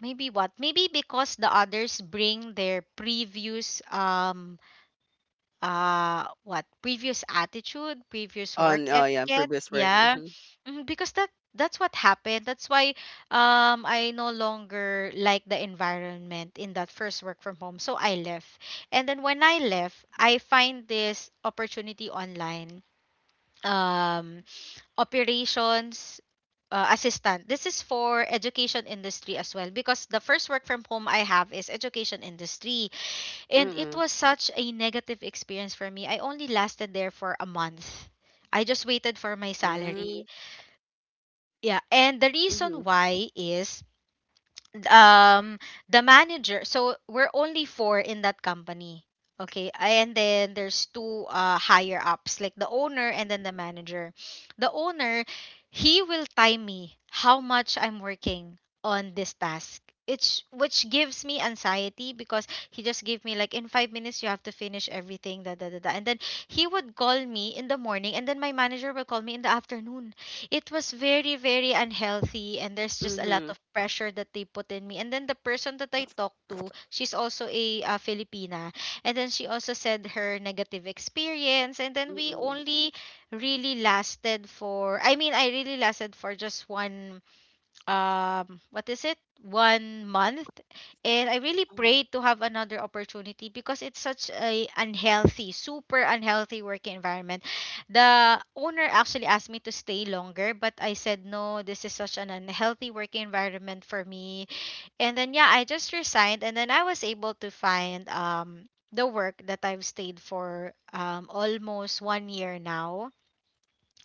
Speaker 1: maybe what? Maybe because the others bring their previous what? Previous attitude, previous
Speaker 2: On
Speaker 1: work
Speaker 2: oh yeah,
Speaker 1: etiquette.
Speaker 2: previous work.
Speaker 1: Yeah.
Speaker 2: Mhm.
Speaker 1: Mhm, because that, that's what happened. That's why I no longer like the environment in that first work from home. So I left. And then when I left, I find this opportunity online, um, operations assistant. This is for education industry as well, because the first work from home I have is education industry, and
Speaker 2: Mhm.
Speaker 1: it was such a negative experience for me. I only lasted there for a month. I just waited for my
Speaker 2: Mm.
Speaker 1: salary. Yeah, and the
Speaker 2: Mhm.
Speaker 1: reason why is um the manager. So we're only four in that company, okay, and then there's two higher ups, like the owner and then the manager. The owner, he will time me how much I'm working on this task, it's which gives me anxiety because he just gave me like in 5 minutes you have to finish everything, da, da, da, da. And then he would call me in the morning and then my manager will call me in the afternoon. It was very, very unhealthy, and there's just a lot
Speaker 2: Mhm.
Speaker 1: of pressure that they put in me. And then the person that I talked to, she's also a Filipina, and then she also said her negative experience. And then we
Speaker 2: Mhm.
Speaker 1: only really lasted for, I really lasted for just one, what is it 1 month. And I really
Speaker 2: Oh.
Speaker 1: prayed to have another opportunity because it's such a unhealthy, super unhealthy work environment. The owner actually asked me to stay longer, but I said no, this is such an unhealthy work environment for me. And then yeah, I just resigned, and then I was able to find the work that I've stayed for, almost 1 year now,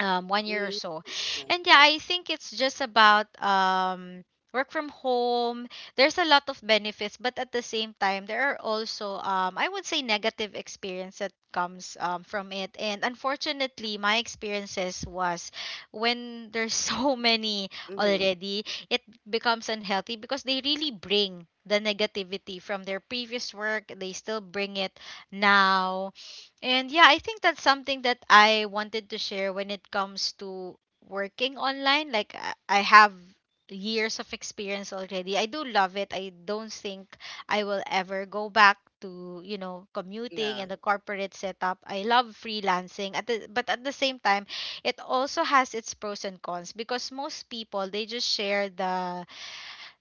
Speaker 1: 1 year
Speaker 2: Mm.
Speaker 1: or so. And yeah, I think it's just about, work from home. There's a lot of benefits, but at the same time, there are also, I would say, negative experience that comes from it. And unfortunately, my experiences was when there's so many
Speaker 2: Mhm.
Speaker 1: already, it becomes unhealthy because they really bring the negativity from their previous work. They still bring it now. And yeah, I think that's something that I wanted to share when it comes to working online. Like, I have years of experience already. I do love it. I don't think I will ever go back to, you know,
Speaker 2: Yeah.
Speaker 1: commuting and the corporate setup. I love freelancing. But at the same time, it also has its pros and cons, because most people, they just share the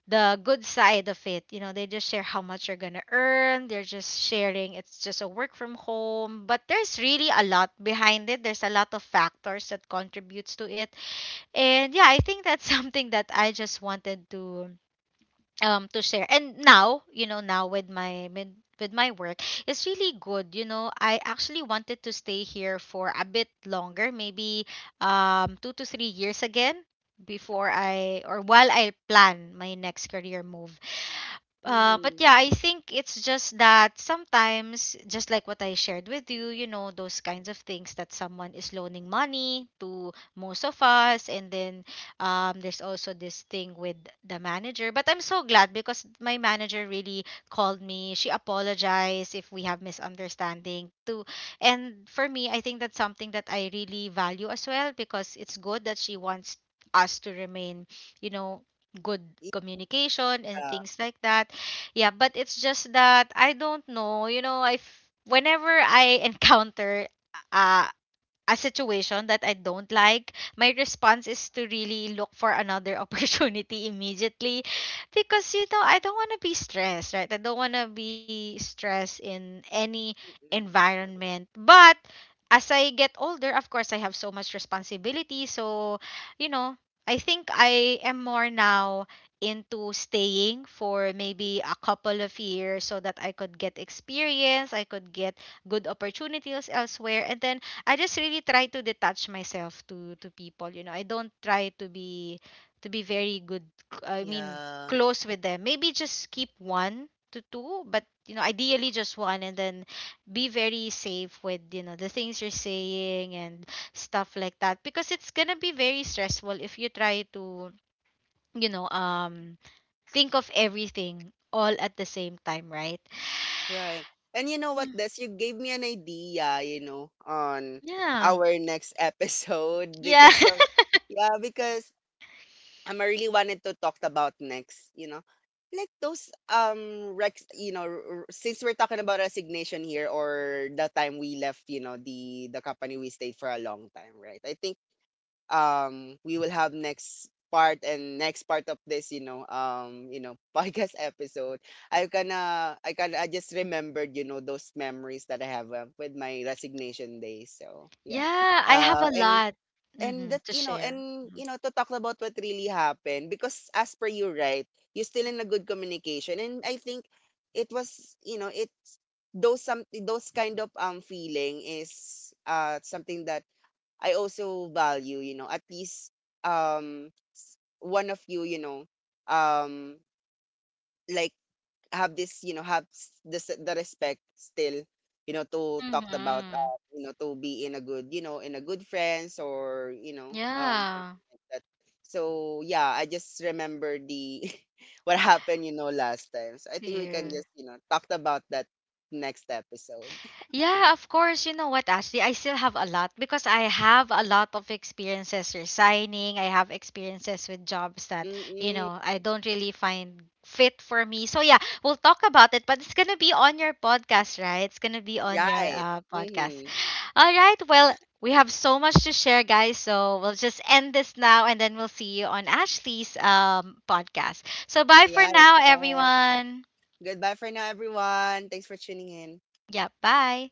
Speaker 1: the good side of it. You know, they just share how much you're gonna earn. They're just sharing it's just a work from home. But there's really a lot behind it. There's a lot of factors that contributes to it. And yeah, I think that's something that I just wanted to, share. And now, you know, now with my, with my work, it's really good. You know, I actually wanted to stay here for a bit longer, maybe 2 to 3 years again before I, or while I plan my next career move. But
Speaker 2: Mhm.
Speaker 1: yeah, I think it's just that sometimes, just like what I shared with you, you know, those kinds of things that someone is loaning money to most of us. And then there's also this thing with the manager. But I'm so glad because my manager really called me. She apologized if we have misunderstanding too. And for me, I think that's something that I really value as well, because it's good that she wants us to remain, you know, good communication and
Speaker 2: Yeah.
Speaker 1: things like that. Yeah, but it's just that I don't know. You know, whenever I encounter uh, a situation that I don't like, my response is to really look for another opportunity immediately, because you know, I don't want to be stressed, right? I don't want to be stressed in any
Speaker 2: Mm-mm.
Speaker 1: environment. But as I get older, of course, I have so much responsibility, so you know, I think I am more now into staying for maybe a couple of years so that I could get experience, I could get good opportunities elsewhere. And then I just really try to detach myself to people. You know, I don't try to be, to be very good. I mean,
Speaker 2: Yeah.
Speaker 1: close with them. Maybe just keep one to two, but you know, ideally just one, and then be very safe with, you know, the things you're saying and stuff like that. Because it's gonna be very stressful if you try to, you know, think of everything all at the same time, right?
Speaker 2: Right. And you know what,
Speaker 1: Mm.
Speaker 2: Des? You gave me an idea, you know, on
Speaker 1: Yeah.
Speaker 2: our next episode because
Speaker 1: Yeah.
Speaker 2: of yeah, because I'm really wanted to talk about next, you know, like those rex you know since we're talking about resignation here or the time we left, you know, the company we stayed for a long time, right? I think we will have next part and next part of this, you know, podcast episode. I kind of, I can I just remembered, you know, those memories that I have with my resignation days. So yeah.
Speaker 1: Yeah, I
Speaker 2: uh
Speaker 1: have a
Speaker 2: and
Speaker 1: lot,
Speaker 2: and that,
Speaker 1: mhm,
Speaker 2: you
Speaker 1: to
Speaker 2: know,
Speaker 1: share.
Speaker 2: and, you
Speaker 1: Mhm.
Speaker 2: know, to talk about what really happened, because as per you, right, you're still in a good communication. And I think it was, you know, it's those some those kind of feeling is something that I also value, you know, at least um one of you, you know, um like have this, you know, this the respect still, you know, to talk about
Speaker 1: Mhm.
Speaker 2: you know, to be in a good, you know, in a good friends or, you know,
Speaker 1: Yeah.
Speaker 2: that. So yeah, I just remember the what happened, you know, last time. So I think
Speaker 1: To
Speaker 2: we can
Speaker 1: you.
Speaker 2: just, you know, talk about that next episode.
Speaker 1: Yeah, of course. You know what, Ashley? I still have a lot, because I have a lot of experiences resigning. I have experiences with jobs that,
Speaker 2: Mm-mm,
Speaker 1: you know, I don't really find fit for me. So yeah, we'll talk about it, but it's going to be on your podcast, right? It's going to be on
Speaker 2: right.
Speaker 1: your podcast.
Speaker 2: Mm-hmm.
Speaker 1: All right. Well, we have so much to share, guys. So we'll just end this now and then we'll see you on Ashley's podcast. So bye
Speaker 2: Yeah,
Speaker 1: for
Speaker 2: that's
Speaker 1: now,
Speaker 2: right.
Speaker 1: everyone.
Speaker 2: Goodbye for now, everyone. Thanks for tuning in.
Speaker 1: Yeah, bye.